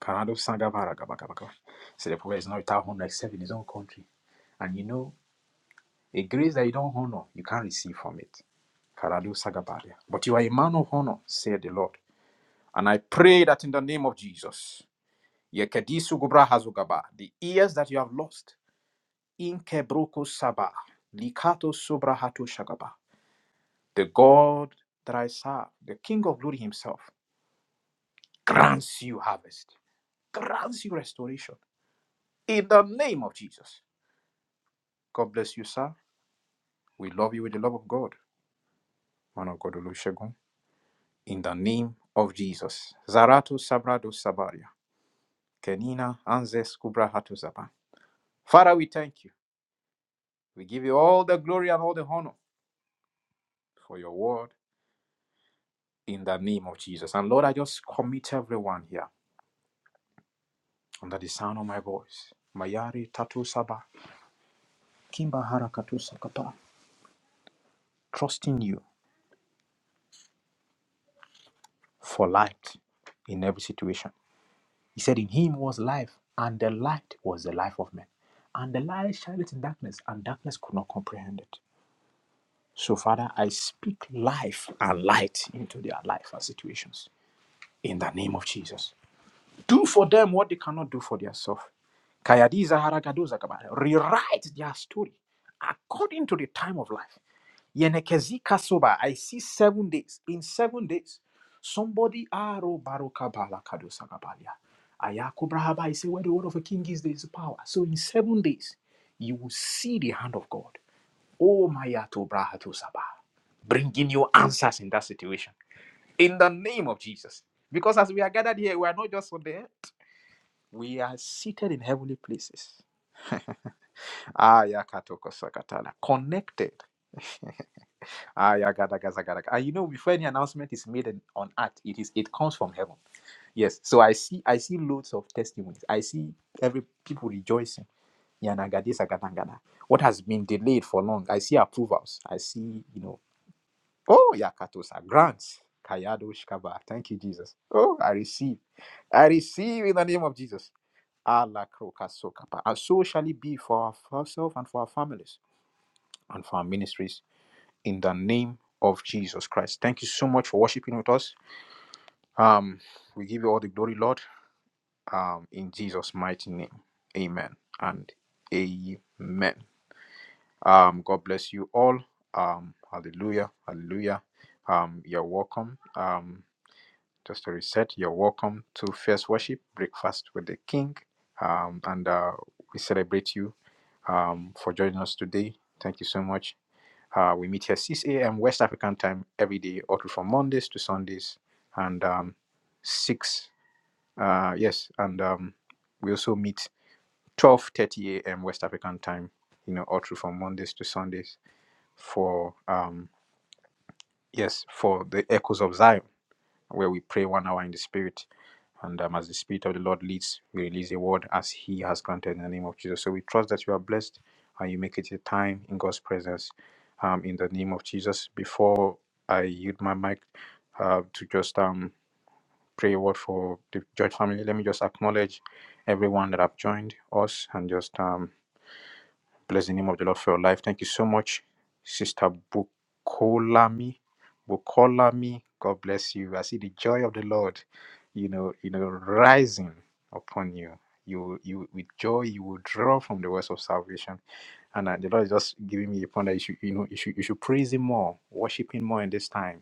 Kanado Sangavara Gabakabaka. So the prophet is not without honor except in his own country. And you know, a grace that you don't honor, you can't receive from it. Karadu Sagabaria. But you are a man of honor, said the Lord. And I pray that in the name of Jesus, Yekedisu Gubra Hazugaba, the ears that you have lost, Inkebruku Saba, Likato Subrahatu Shagaba, the God that I serve, the King of glory himself, grants you harvest, grants you restoration. In the name of Jesus. God bless you, sir. We love you with the love of God. Man of God Olusegun. In the name of Jesus. Zaratu Sabrado Sabaria. Kenina Anzes Kubrahatu Zaba. Father, we thank you. We give you all the glory and all the honor for your word in the name of Jesus. And Lord, I just commit everyone here under the sound of my voice. Mayari Tatu Saba, Kimba Harakatu Sakapa, trusting you for light in every situation. He said, In him was life, and the light was the life of men. And the light shined in darkness, and darkness could not comprehend it. So, Father, I speak life and light into their life and situations in the name of Jesus. Do for them what they cannot do for themselves. Kayadiza haragadoza kabara. Rewrite their story according to the time of life. Yenekezi kasoba. I see seven days. In seven days, somebody aro baroka balakadosa kabalia. Ayako brahaba. I say where the word of a king is, there is power. So in seven days, you will see the hand of God. Oh mayato brahato sabah. Bringing you answers in that situation. In the name of Jesus. Because as we are gathered here, we are not just on there. We are seated in heavenly places. Ayakatokosakatala. Connected. Ayagadagasagadaga. And you know, before any announcement is made in- on earth, it is it comes from heaven. Yes. So I see I see loads of testimonies. I see every people rejoicing. Yanagadisagatangada. What has been delayed for long. I see approvals. I see, you know, oh yakatosa grants. Kayado Shkaba. Thank you, Jesus. Oh, I receive. I receive in the name of Jesus. Allah Krokasokapa. And so shall it be for ourselves and for our families and for our ministries in the name of Jesus Christ. Thank you so much for worshiping with us. Um, we give you all the glory, Lord, um, in Jesus' mighty name. Amen and amen. Um, God bless you all. Um, hallelujah. Hallelujah. Um, you're welcome. Um, just to reset, you're welcome to First Worship Breakfast with the King. Um, and uh, we celebrate you um, for joining us today. Thank you so much. Uh, we meet here 6 a.m. West African time every day, all through from Mondays to Sundays, and um, 6, uh, yes, and um, we also meet 12.30 a.m. West African time, you know, all through from Mondays to Sundays for, um, yes, for the Echoes of Zion where we pray one hour in the Spirit. And um, as the Spirit of the Lord leads, we release a word as He has granted in the name of Jesus. So we trust that you are blessed and you make it a time in God's presence um, in the name of Jesus. Before I yield my mic uh, to just um, pray a word for the George family, let me just acknowledge everyone that have joined us and just. Um, Bless the name of the Lord for your life. Thank you so much, Sister Bukolami. Bukolami, God bless you. I see the joy of the Lord, you know, you know, rising upon you. You, you, with joy, you will draw from the wells of salvation. And uh, the Lord is just giving me the point that you should, you know, you should, you should praise Him more, worship Him more in this time.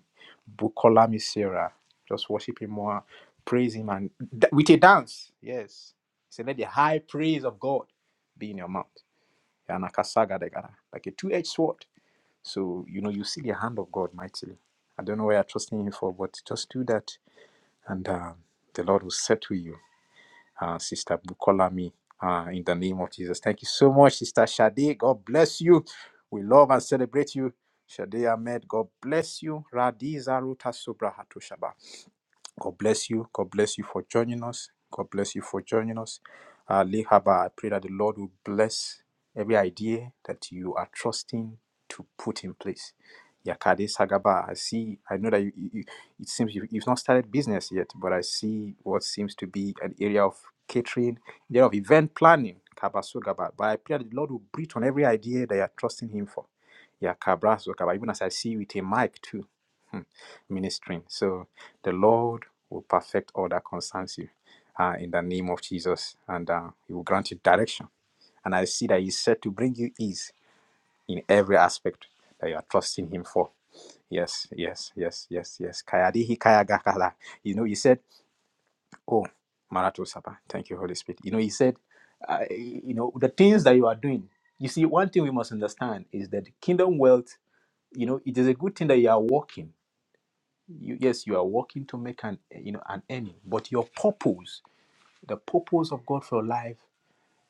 Bukolami Sarah, just worship Him more, praise Him, and da- with a dance. Yes, so let the high praise of God be in your mouth. Yanakasagadegara, like a two-edged sword. So you know you see the hand of God mightily. I don't know where you're trusting Him for, but just do that, and uh, the Lord will settle you, uh, Sister Bukolami, uh, in the name of Jesus. Thank you so much, Sister Shade. God bless you. We love and celebrate you. Shade Ahmed, God bless you. Radiza Ruta Sobra Hatoshaba. God bless you. God bless you for joining us. God bless you for joining us. Uh, Lee Haba, I pray that the Lord will bless every idea that you are trusting to put in place. Yakade Sagaba, I see, I know that you, you, you- it seems you, you've not started business yet, but I see what seems to be an area of catering, area of event planning. Kabasugaba. But I pray that the Lord will breathe on every idea that you are trusting Him for. Yakabra Even as I see you with a mic too. Hmm ministering. So the Lord will perfect all that concerns you uh, in the name of Jesus, and uh, He will grant you direction. And I see that He's said to bring you ease in every aspect that you are trusting Him for. Yes, yes, yes, yes, yes. Kayadihi kayagakala. You know, He said, Oh, Marato Sapa. Thank you, Holy Spirit. You know, He said, uh, You know, the things that you are doing. You see, one thing we must understand is that kingdom wealth, you know, it is a good thing that you are walking you, yes you are working to make an you know an earning but your purpose the purpose of god for your life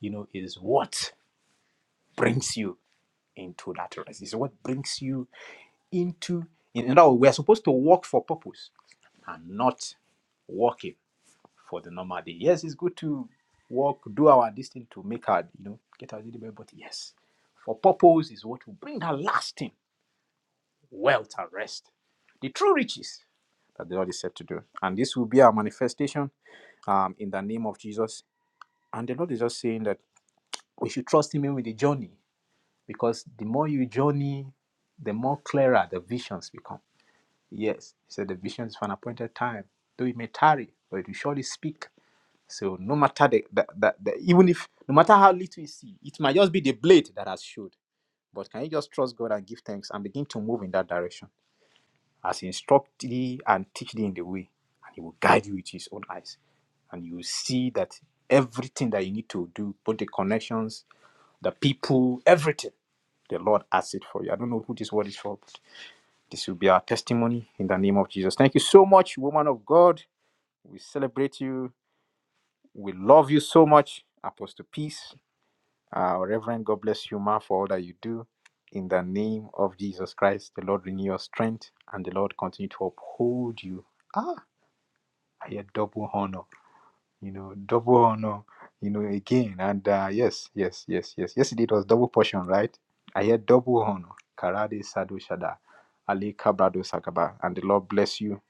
you know is what brings you into that rest is what brings you into in other words we are supposed to work for purpose and not working for the normal day yes it's good to work do our distance to make our you know get our daily bread but yes for purpose is what will bring that lasting wealth and rest the true riches that the lord is said to do and this will be our manifestation um, in the name of Jesus. And the Lord is just saying that we should trust Him even with the journey because the more you journey, the more clearer the visions become. Yes, He said the vision is for an appointed time, though it may tarry, but it will surely speak. So no matter the, the, the, the even if no matter how little you see, it might just be the blade that has showed. But can you just trust God and give thanks and begin to move in that direction? as he instruct thee and teach thee in the way, and he will guide you with his own eyes. And you will see that everything that you need to do, both the connections, the people, everything, the Lord has it for you. I don't know who this word is for, but this will be our testimony in the name of Jesus. Thank you so much, woman of God. We celebrate you. We love you so much, Apostle Peace. Uh, Reverend, God bless you, ma, for all that you do. In the name of Jesus Christ, the Lord renew your strength and the Lord continue to uphold you yeah, double honor, you know, double honor, you know, again. And uh, yes, yes, yes, yes. Yesterday it was double portion, right? I hear double honor. Karade Sadu Shada, Ali Kabrado Sakaba. And the Lord bless you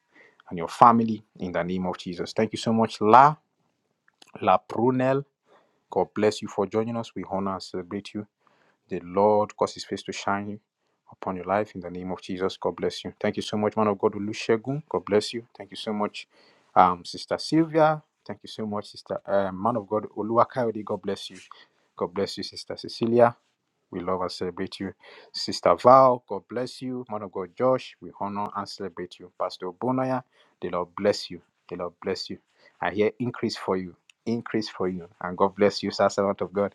and your family in the name of Jesus. Thank you so much, La, La Prunel. God bless you for joining us. We honor and celebrate you. The Lord cause his face to shine upon your life in the name of Jesus. God bless you. Thank you so much, man of God, Olusegun. God bless you. Thank you so much, um, Sister Sylvia. Thank you so much, Sister uh, man of God, Oluwakayode. God bless you. God bless you, Sister Cecilia. We love and celebrate you. Sister Val, God bless you. Man of God, Josh, we honor and celebrate you. Pastor Bonaya, the Lord bless you. The Lord bless you. I hear increase for you. Increase for you. And God bless you, sir, servant of God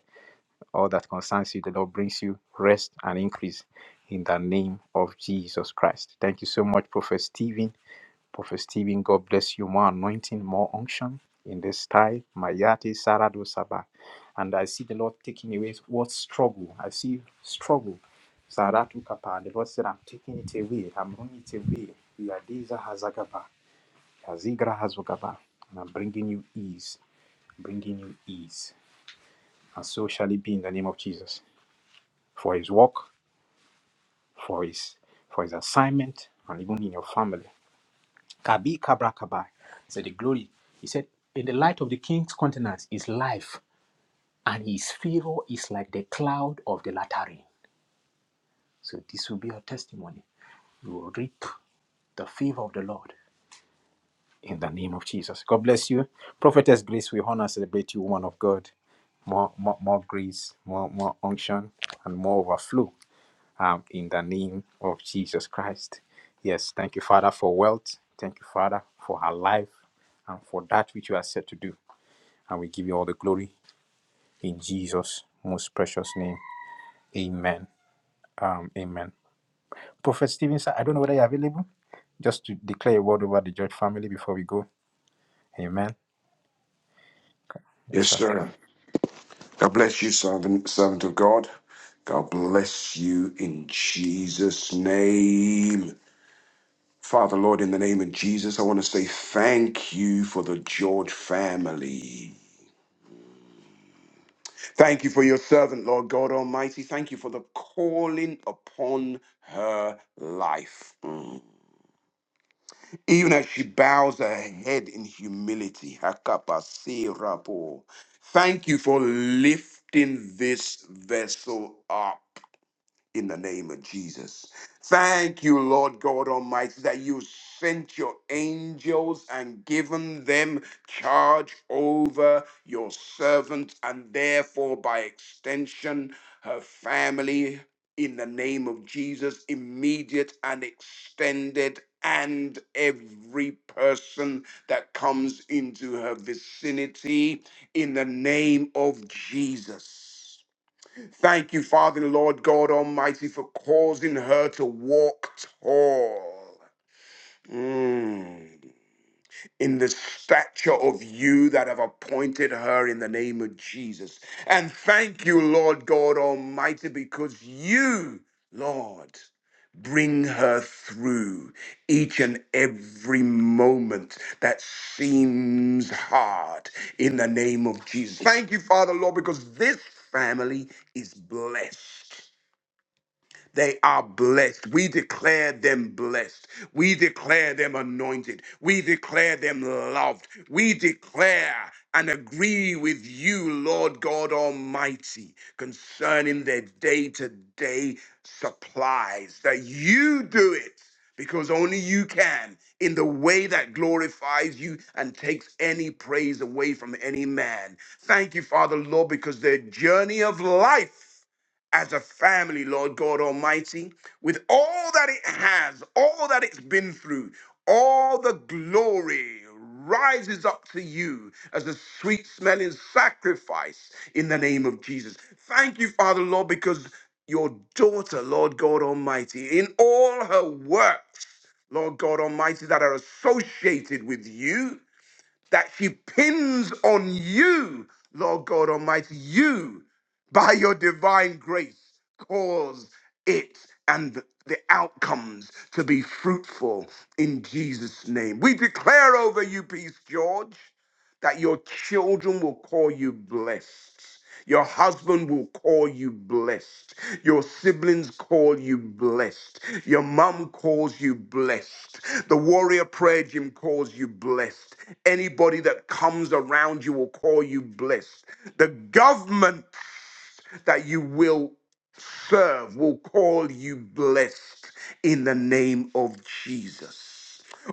all that concerns you, the Lord brings you rest and increase in the name of Jesus Christ. Thank you so much, Prophet Stephen. Prophet Stephen, God bless you. More anointing, more unction in this time. Mayate Sarado Saba. And I see the Lord taking away what struggle. I see struggle. Saratu Kapa. The Lord said, I'm taking it away. I'm running it away. Yadiza Hazagaba. Yazigra Hazogaba. And I'm bringing you ease. Bringing you ease. And so shall it be in the name of Jesus for his work, for his for his assignment, and even in your family. Kabi Kabra Kabai said the glory. He said, In the light of the king's countenance is life, and his favor is like the cloud of the latter rain. So this will be your testimony. You will reap the favor of the Lord in the name of Jesus. God bless you. Prophetess Grace, we honor and celebrate you, woman of God. More, more, more grace, more, more unction, and more overflow um, in the name of Jesus Christ. Yes, thank you, Father, for wealth. Thank you, Father, for her life and for that which you are set to do. And we give you all the glory in Jesus' most precious name. Amen. Um, amen. Prophet Stephen, sir, I don't know whether you're available. Just to declare a word over the George family before we go. Amen. Yes,
Yes,
sir.
sir. God bless you, servant, servant of God. God bless you in Jesus' name. Father, Lord, in the name of Jesus, I want to say thank you for the George family. Thank you for your servant, Lord God Almighty. Thank you for the calling upon her life. Mm. Even as she bows her head in humility, Hakapasirapo. thank you for lifting this vessel up. in the name of Jesus. Thank you, Lord God Almighty, that you sent your angels and given them charge over your servant and therefore by extension her family in the name of Jesus, immediate and extended and every person that comes into her vicinity in the name of Jesus. Thank you, Father and Lord God Almighty, for causing her to walk tall. Mm in the stature of you that have appointed her in the name of Jesus. And thank you, Lord God Almighty, because you, Lord, bring her through each and every moment that seems hard in the name of Jesus. Thank you, Father, Lord, because this family is blessed. They are blessed. We declare them blessed. We declare them anointed. We declare them loved. We declare and agree with you, Lord God Almighty, concerning their day to day supplies, that you do it because only you can in the way that glorifies you and takes any praise away from any man. Thank you, Father, Lord, because their journey of life as a family, Lord God Almighty, with all that it has, all that it's been through, all the glory rises up to you as a sweet smelling sacrifice in the name of Jesus. Thank you, Father, Lord, because your daughter, Lord God Almighty, in all her works, Lord God Almighty, that are associated with you that she pins on you, Lord God Almighty. You, by your divine grace, cause it and the outcomes to be fruitful in Jesus' name. We declare over you, Peace George, that your children will call you blessed. Your husband will call you blessed. Your siblings call you blessed. Your mum calls you blessed. The warrior prayer gym calls you blessed. Anybody that comes around you will call you blessed. The government that you will serve will call you blessed in the name of Jesus.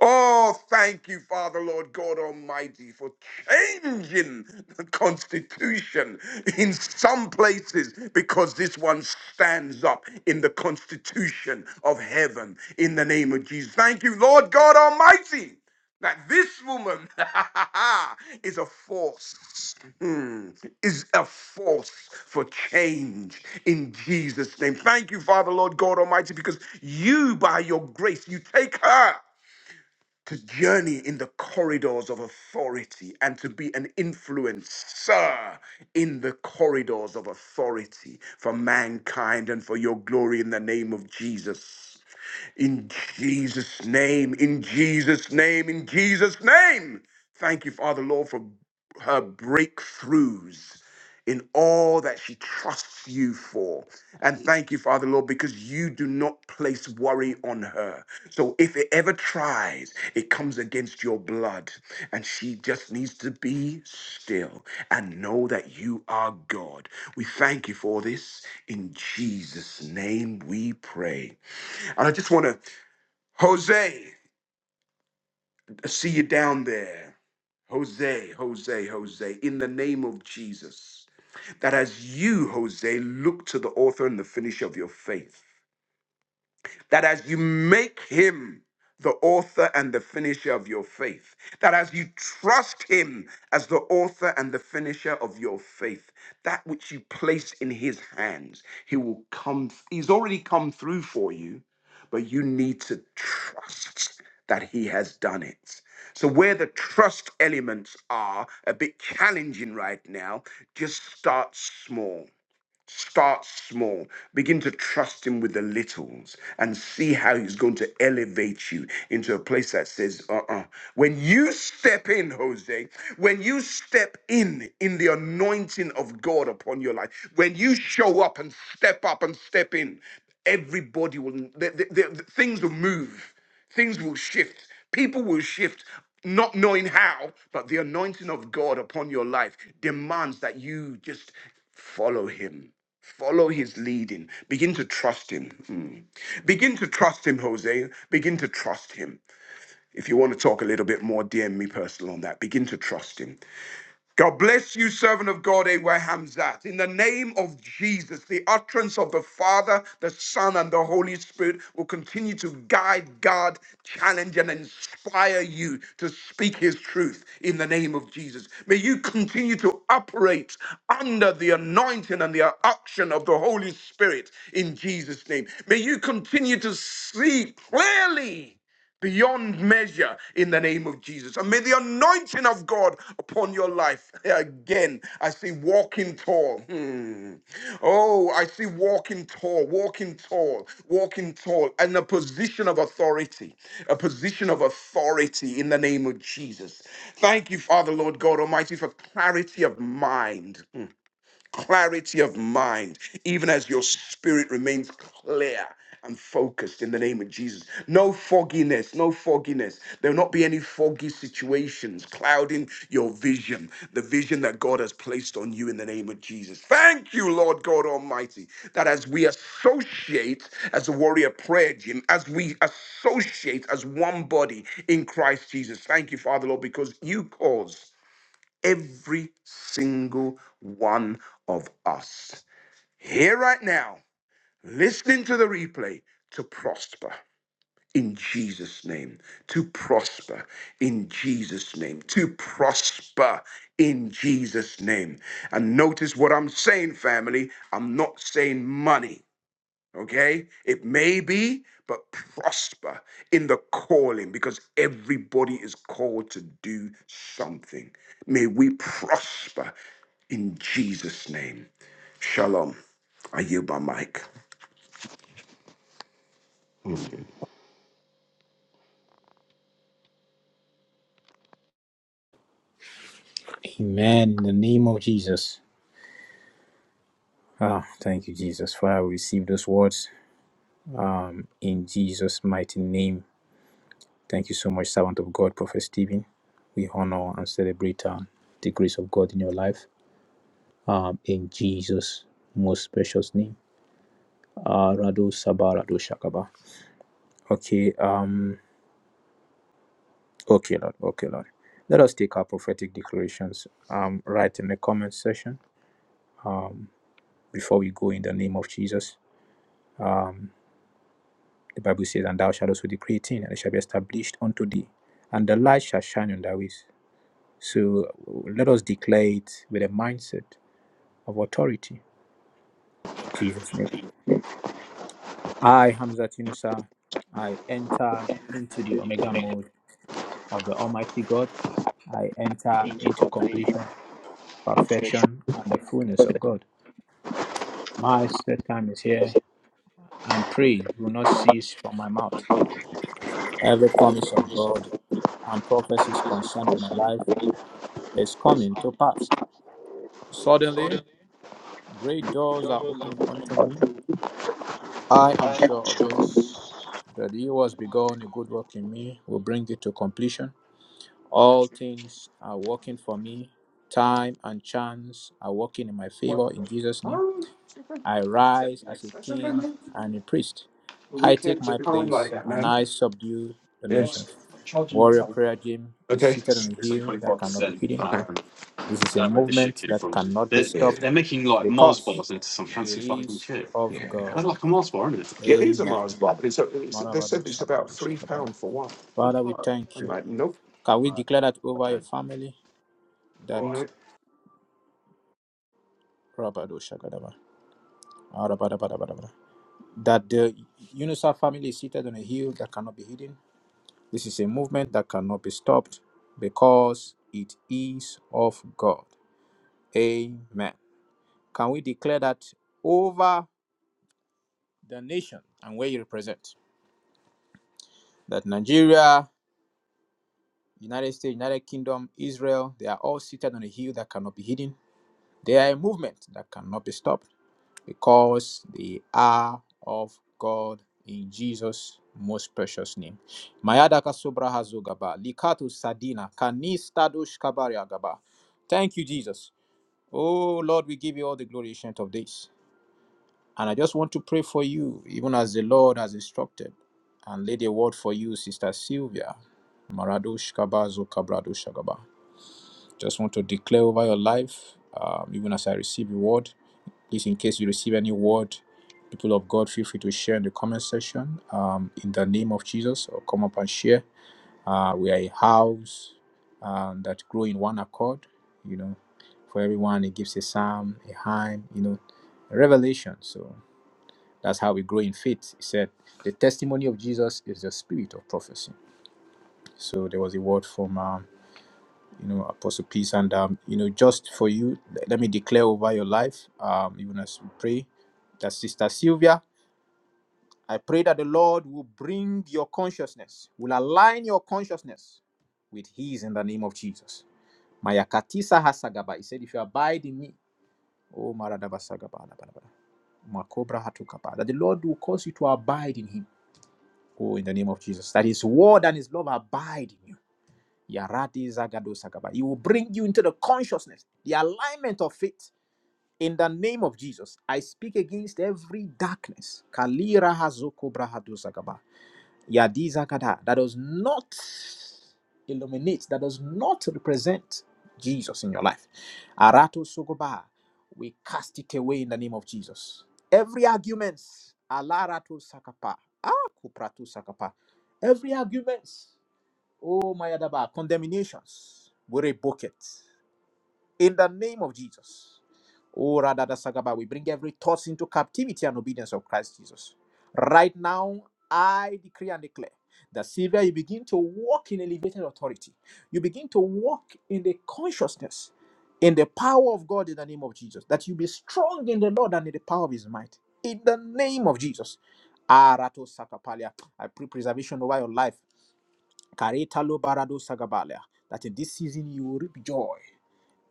Oh, thank you, Father, Lord God Almighty, for changing the Constitution in some places because this one stands up in the Constitution of heaven in the name of Jesus. Thank you, Lord God Almighty that this woman is a force, hmm, is a force for change in Jesus' name. Thank you, Father, Lord God Almighty, because you, by your grace, you take her to journey in the corridors of authority and to be an influencer in the corridors of authority for mankind and for your glory in the name of Jesus. In Jesus' name, in Jesus' name, in Jesus' name. Thank you, Father, Lord, for her breakthroughs in all that she trusts you for. And thank you, Father, Lord, because you do not place worry on her. So if it ever tries, it comes against your blood. And she just needs to be still and know that you are God. We thank you for this. In Jesus' name we pray. And I just want to Jose, I see you down there. Jose, Jose, Jose, in the name of Jesus, that as you, Jose, look to the author and the finisher of your faith, that as you make him the author and the finisher of your faith, that as you trust him as the author and the finisher of your faith, that which you place in his hands, he will come, he's already come through for you, but you need to trust that he has done it. So, where the trust elements are a bit challenging right now, just start small. Start small. Begin to trust him with the littles and see how he's going to elevate you into a place that says, uh uh When you step in, Jose, when you step in, in the anointing of God upon your life, when you show up and step up and step in, everybody will, the, the, the, the- things will move, things will shift, people will shift. Not knowing how, but the anointing of God upon your life demands that you just follow him Follow his leading. Begin to trust him. Mm. Begin to trust him, Jose. Begin to trust him. If you want to talk a little bit more, DM me personal on that. Begin to trust him. God bless you, servant of God, Abraham Zat. In the name of Jesus, the utterance of the Father, the Son, and the Holy Spirit will continue to guide, guard, challenge, and inspire you to speak His truth in the name of Jesus. May you continue to operate under the anointing and the action of the Holy Spirit in Jesus' name. May you continue to see clearly beyond measure in the name of Jesus. And may the anointing of God upon your life again. I see walking tall. Hmm. Oh, I see walking tall, walking tall, walking tall, and a position of authority, a position of authority in the name of Jesus. Thank you, Father, Lord God Almighty, for clarity of mind. Hmm clarity of mind, even as your spirit remains clear and focused in the name of Jesus. No fogginess, no fogginess. There will not be any foggy situations clouding your vision, the vision that God has placed on you in the name of Jesus. Thank you, Lord God Almighty, that as we associate as a warrior prayer gym, as we associate as one body in Christ Jesus. Thank you, Father, Lord, because you cause every single one of us here right now, listening to the replay, to prosper in Jesus' name, to prosper in Jesus' name, to prosper in Jesus' name. And notice what I'm saying, family. I'm not saying money. Okay, it may be, but prosper in the calling because everybody is called to do something. May we prosper in Jesus' name. Shalom. I yield my mic.
Amen. In the name of Jesus. Ah, thank you, Jesus. Father, we receive those words um, in Jesus' mighty name. Thank you so much, servant of God, Prophet Stephen. We honor and celebrate uh, the grace of God in your life um, in Jesus' most precious name. Uh, Rado Sabah Rado Shakaba. Okay, um, okay, Lord, okay, Lord. Let us take our prophetic declarations um, right in the comment section um, before we go in the name of Jesus. Um, the Bible says, And thou shalt also decree a thing, and it shall be established unto thee, and the light shall shine on thy ways. So let us declare it with a mindset of authority. In Jesus' name. I, Hamzat Yunusa, I enter into the Omega mode of the Almighty God. I enter into completion, perfection, and the fullness of God. My set time is here, and praise will not cease from my mouth. Every promise of God and prophecies concerning my life is coming to pass. Suddenly, great doors are opening unto me I am sure of this, that he who has begun a good work in me will bring it to completion. All things are working for me. Time and chance are working in my favor in Jesus' name. I rise as a king and a priest. I take my place and I subdue the nations. Warrior Prayer Gym is
Okay.
seated
It's
on a
it's like
hill
twenty five
that cannot be
percent.
hidden.
Okay. Um,
This is
I
a
don't know where this shit
movement
came
that
from.
cannot be
They're, Yeah.
stopped
they're making like Mars
because
bars into some
it
fancy fucking
is
shit.
of
Yeah. Yeah.
God.
That's like a Mars bar, isn't it? Yeah, it is a
Amen.
Mars bar, but it's, a, it's they
Marabado
said it's about
sabadi
three
shakabala.
pound for one. The
Father, we
fuck?
thank
I'm
you.
like, nope,
Can we
Right,
declare that over
okay.
your family
no,
that
Alright.
Rabadoshagadaba, ah, that the UNICEF family is seated on a hill that cannot be hidden? This is a movement that cannot be stopped because it is of God. Amen. Can we declare that over the nation and where you represent? That Nigeria, United States, United Kingdom, Israel, they are all seated on a hill that cannot be hidden. They are a movement that cannot be stopped because they are of God in Jesus' most precious name. Mayadaka sobra hazogaba, likato sadina, kanis tadosh kabari agaba. Thank you, Jesus. Oh Lord, we give you all the glory, ancient of days. And I just want to pray for you, even as the Lord has instructed, and laid a word for you, Sister Sylvia. Maradosh kabazo kabradosh agaba. Just want to declare over your life, um, even as I receive a word. Please, in case you receive any word, people of God, feel free to share in the comment section um, in the name of Jesus or come up and share. Uh, we are a house um, that grow in one accord. You know, for everyone, it gives a psalm, a hymn, you know, a revelation. So that's how we grow in faith. He said, The testimony of Jesus is the spirit of prophecy. So there was a word from. Um, you know, Apostle Peace. And, um, you know, just for you, le- let me declare over your life, um, even as we pray, that Sister Sylvia, I pray that the Lord will bring your consciousness, will align your consciousness with His in the name of Jesus. Mayakatisa hasagaba. He said, if you abide in me, oh, maradaba sagaba, adabadaba, makobra hatukaba, that the Lord will cause you to abide in Him. Oh, in the name of Jesus. That His word and His love abide in you. Yaradi Zagado Sakaba. He will bring you into the consciousness, the alignment of faith. In the name of Jesus, I speak against every darkness. Kalira Hazoko Brahadu Sakaba. Yadi Zakada. That does not illuminate, that does not represent Jesus in your life. Arato Sokoba. We cast it away in the name of Jesus. Every argument. Alarato Sakapa. Kupratu Sakapa. Every argument. Oh, my Adaba, condemnations, we rebuke it. In the name of Jesus. Oh, Radada Sagaba, we bring every thought into captivity and obedience of Christ Jesus. Right now, I decree and declare that Sylvia, you begin to walk in elevated authority. You begin to walk in the consciousness, in the power of God in the name of Jesus. That you be strong in the Lord and in the power of his might. In the name of Jesus. Arato Sakapalia. I pray preservation over your life. Karetalo barado sagabalia, that in this season you will reap joy.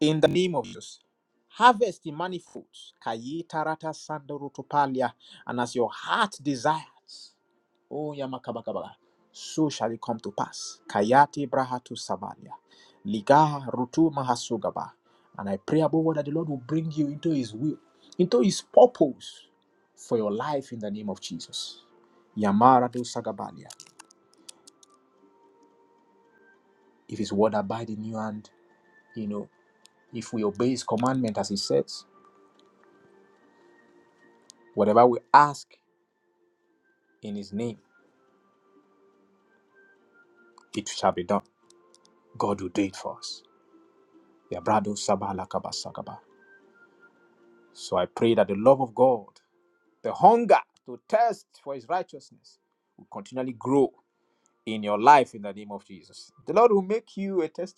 In the name of Jesus. Harvest in manifolds. Kaye tarata sandorotopalia. And as your heart desires, oh yamakabakabala, so shall it come to pass. Kayati brahatu savalia. Liga rutu mahasugaba. And I pray above all that the Lord will bring you into his will, into his purpose for your life in the name of Jesus. Yamara do sagabalia. If his word abide in you and you know If we obey his commandment as he says, whatever we ask in his name, it shall be done. God will do it for us. So I pray that the Lord, the hunger to thirst for his righteousness will control in your life in Jesus.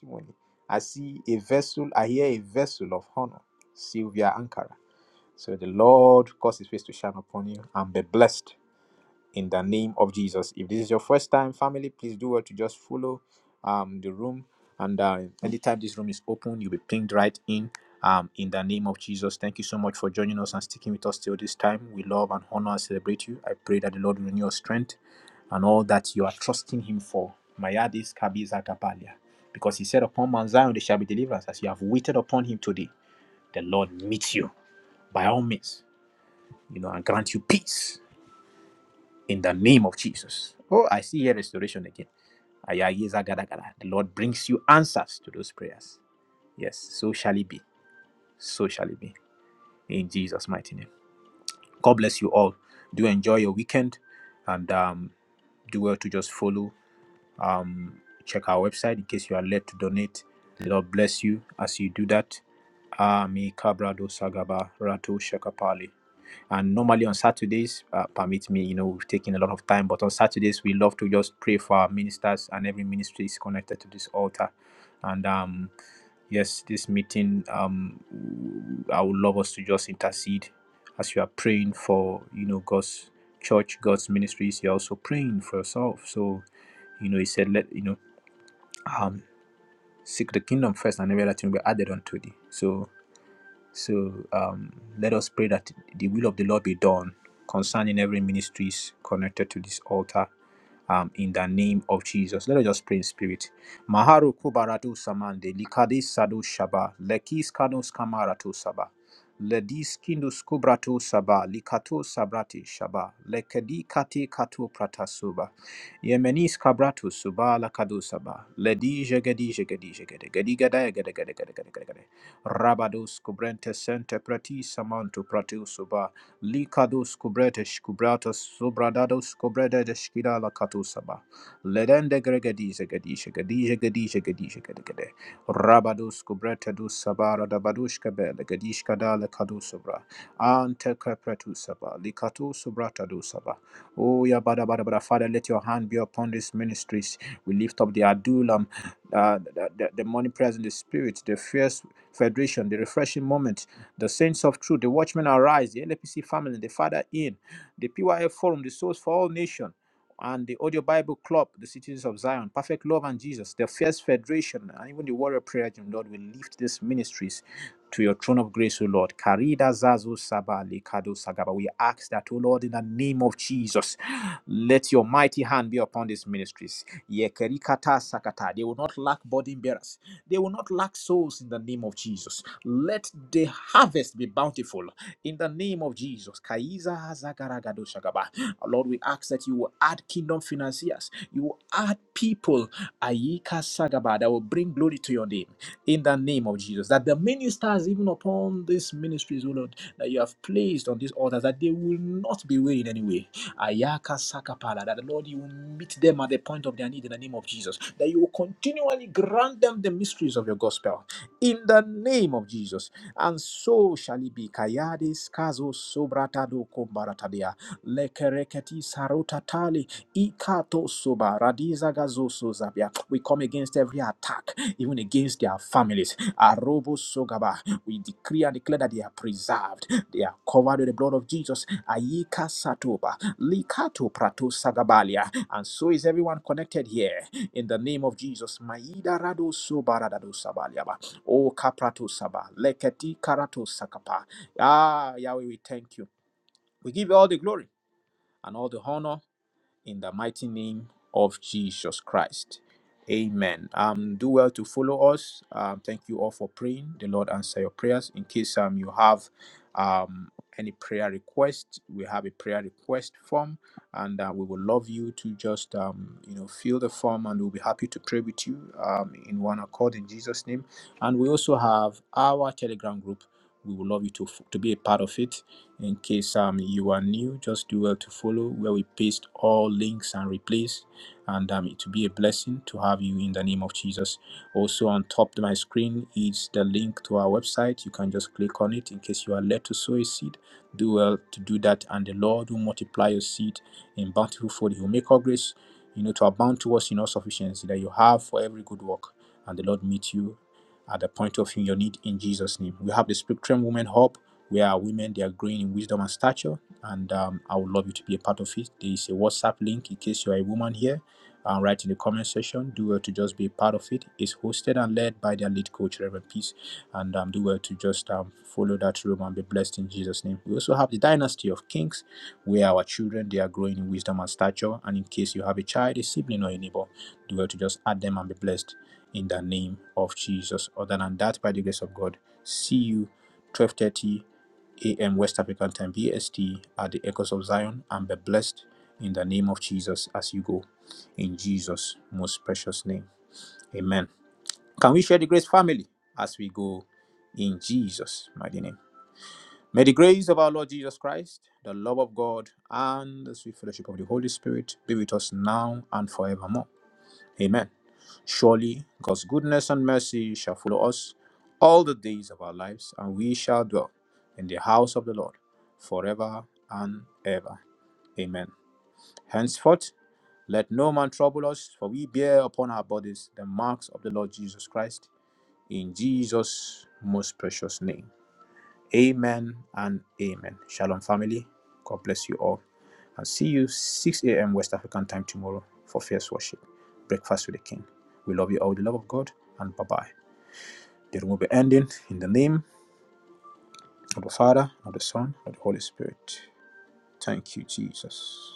name. I see a vessel, I hear a vessel of honor, Sylvia Ankara. So the Lord cause his face to shine upon you in the peace And uh, anytime this room is open, you'll be pinged right in. Um, in the name of Jesus, thank you so much for joining us and sticking with us till this time. We love and honor and celebrate you. I pray that the Lord will renew your strength and all that you are trusting Him for. Mayadis Kabiza Kapalia. Because He said, Upon Mount Zion there shall be deliverance. As you have waited upon Him today, the Lord is you by us, you know, and grant you peace in the name of Jesus. Oh, I see here restoration again. Ayayiza Gadagada. The Lord brings you answers to those prayers. Yes, so shall it be. So shall it be. in Jesus' mighty name. God bless you all. Do enjoy your weekend and um, do well to just follow. Um, check our website in case you are led to donate. The Lord bless you as you do that. Ami Kabrado Sagaba Rato Shakapali. And normally on Saturdays, uh, permit me, you know, we've taken a lot of time, but on Saturdays, we love to just pray for our ministers, and every ministry is connected to this altar. And um, yes, this meeting, um, I would love us to just intercede as you are praying for, you know, God's church, God's ministries. You're also praying for yourself. So, you know, he said, let, you know, um, seek the kingdom first, and every other thing will be added unto thee. So, so um, let us pray that the will of the Lord be done concerning every ministries connected to this altar. Um, in the name of Jesus, let us just pray in spirit. Maharu kubaratu samande likadi sadu shaba lekis kanus kamaratu saba ledis kindus kubratu saba likato sabrati shaba lekedi kati katu pratasuba yemenis kabratu suba lakadu saba ledi jegedi jegedi jegede gedi gada gede gede gede gede gede Rabadus Kubrente Sente Prati Samantu Pratiusuba Likadus Kubretesh Kubratus Subradadus Kubredesh Kidala Katusaba Ledende Gregedise Gedisha Gedisha Gedisha Gedisha Gedegede Rabadus Kubrete Dus Sabara Dabadushka Bele Gedishka Dale Kadusubra Ante Kepretusaba Likatusubra Dusaba Oh Yabada Bada Bada Father let your hand be upon these ministries we lift up the Adulam uh, the, the, the money present the spirit the fear Federation, the refreshing moment, the saints of truth, the watchmen arise, the LAPC family, the Father in, the PYF forum, the souls for all nation, and the Audio Bible Club, the citizens of Zion, perfect love and Jesus, the fierce federation, and even the warrior prayer, gym, Lord, we lift these ministries to your throne of grace, O Lord. Karida Zazu Sabali Kado Sagaba. We ask that, O Lord, in the name of Jesus, let your mighty hand be upon these ministries. Yekerikata Sakata. They will not lack burden bearers. They will not lack souls in the name of Jesus. Let the harvest be bountiful in the name of Jesus. Kaiza Zagaragado Shagaba. Lord, we ask that you will add kingdom financiers, you will add people Ayika Sagaba that will bring glory to your name in the name of Jesus. That the ministers, even upon these ministries, O Lord, that you have placed on these altars, that they will not be weary in any way Ayaka Sakapala, that the Lord, you will meet them at the point of their need in the name of Jesus, that you will continually grant them the mysteries of your gospel in the name of Jesus. And so shall it be. Kayades Kazo Sobratado Kombaratadia, Lekereketi Sarotatali, Ikato Soba, Radiza Gazo Sozabia. We come against every attack, even against their families. Arobo Sogaba, we decree and declare that they are preserved, they are covered with the blood of Jesus. Ayika Satoba, Likato prato sagabalia. And so is everyone connected here. In the name of Jesus. Maida rado sobaradado sabaliaba. O kaprato saba. Leketi karato sakapa. Ah, Yahweh, we thank you. We give you all the glory and all the honor in the mighty name of Jesus Christ. Amen. Um, do well to follow us. Um, thank you all for praying. The Lord answer your prayers. In case um you have um any prayer request, we have a prayer request form, and uh, we would love you to just um you know fill the form, and we'll be happy to pray with you um in one accord in Jesus' name. And we also have our Telegram group. We would love you to to be a part of it in case um, you are new, just do well to follow where we paste all links and replays. And um, it will be a blessing to have you in the name of Jesus. Also, on top of my screen is the link to our website. You can just click on it in case you are led to sow a seed. Do well to do that, and the Lord will multiply your seed in bountiful fold. He will make all grace, you know, to abound to us in all sufficiency that you have for every good work. And the Lord meet you at the point of your need in Jesus' name. We have the Spectrum Women Hub, where our women they are growing in wisdom and stature, and um, I would love you to be a part of it. There is a WhatsApp link in case you are a woman here. Uh, write in the comment section. Do well to just be a part of it. It's hosted and led by their lead coach, Reverend Peace, and um, do well to just um, follow that room and be blessed in Jesus' name. We also have the Dynasty of Kings, where our children they are growing in wisdom and stature. And in case you have a child, a sibling, or a neighbor, do well to just add them and be blessed in the name of Jesus. Other than that, by the grace of God, see you 12:30 a.m. West African time BST at the Echoes of Zion and be blessed in the name of Jesus as you go. In Jesus' most precious name. Amen. Can we share the grace family as we go in Jesus' mighty name? May the grace of our Lord Jesus Christ, the love of God, and the sweet fellowship of the Holy Spirit be with us now and forevermore. Amen. Surely God's goodness and mercy shall follow us all the days of our lives, and we shall dwell in the house of the Lord forever and ever. Amen. Henceforth, let no man trouble us, for we bear upon our bodies the marks of the Lord Jesus Christ, in Jesus' most precious name. Amen and amen. Shalom, family. God bless you all. And see you 6 a.m. West African time tomorrow for fierce worship. Breakfast with the King. We love you all, with the love of God, and bye bye. Then will be ending in the name of the Father, of the Son, of the Holy Spirit. Thank you, Jesus.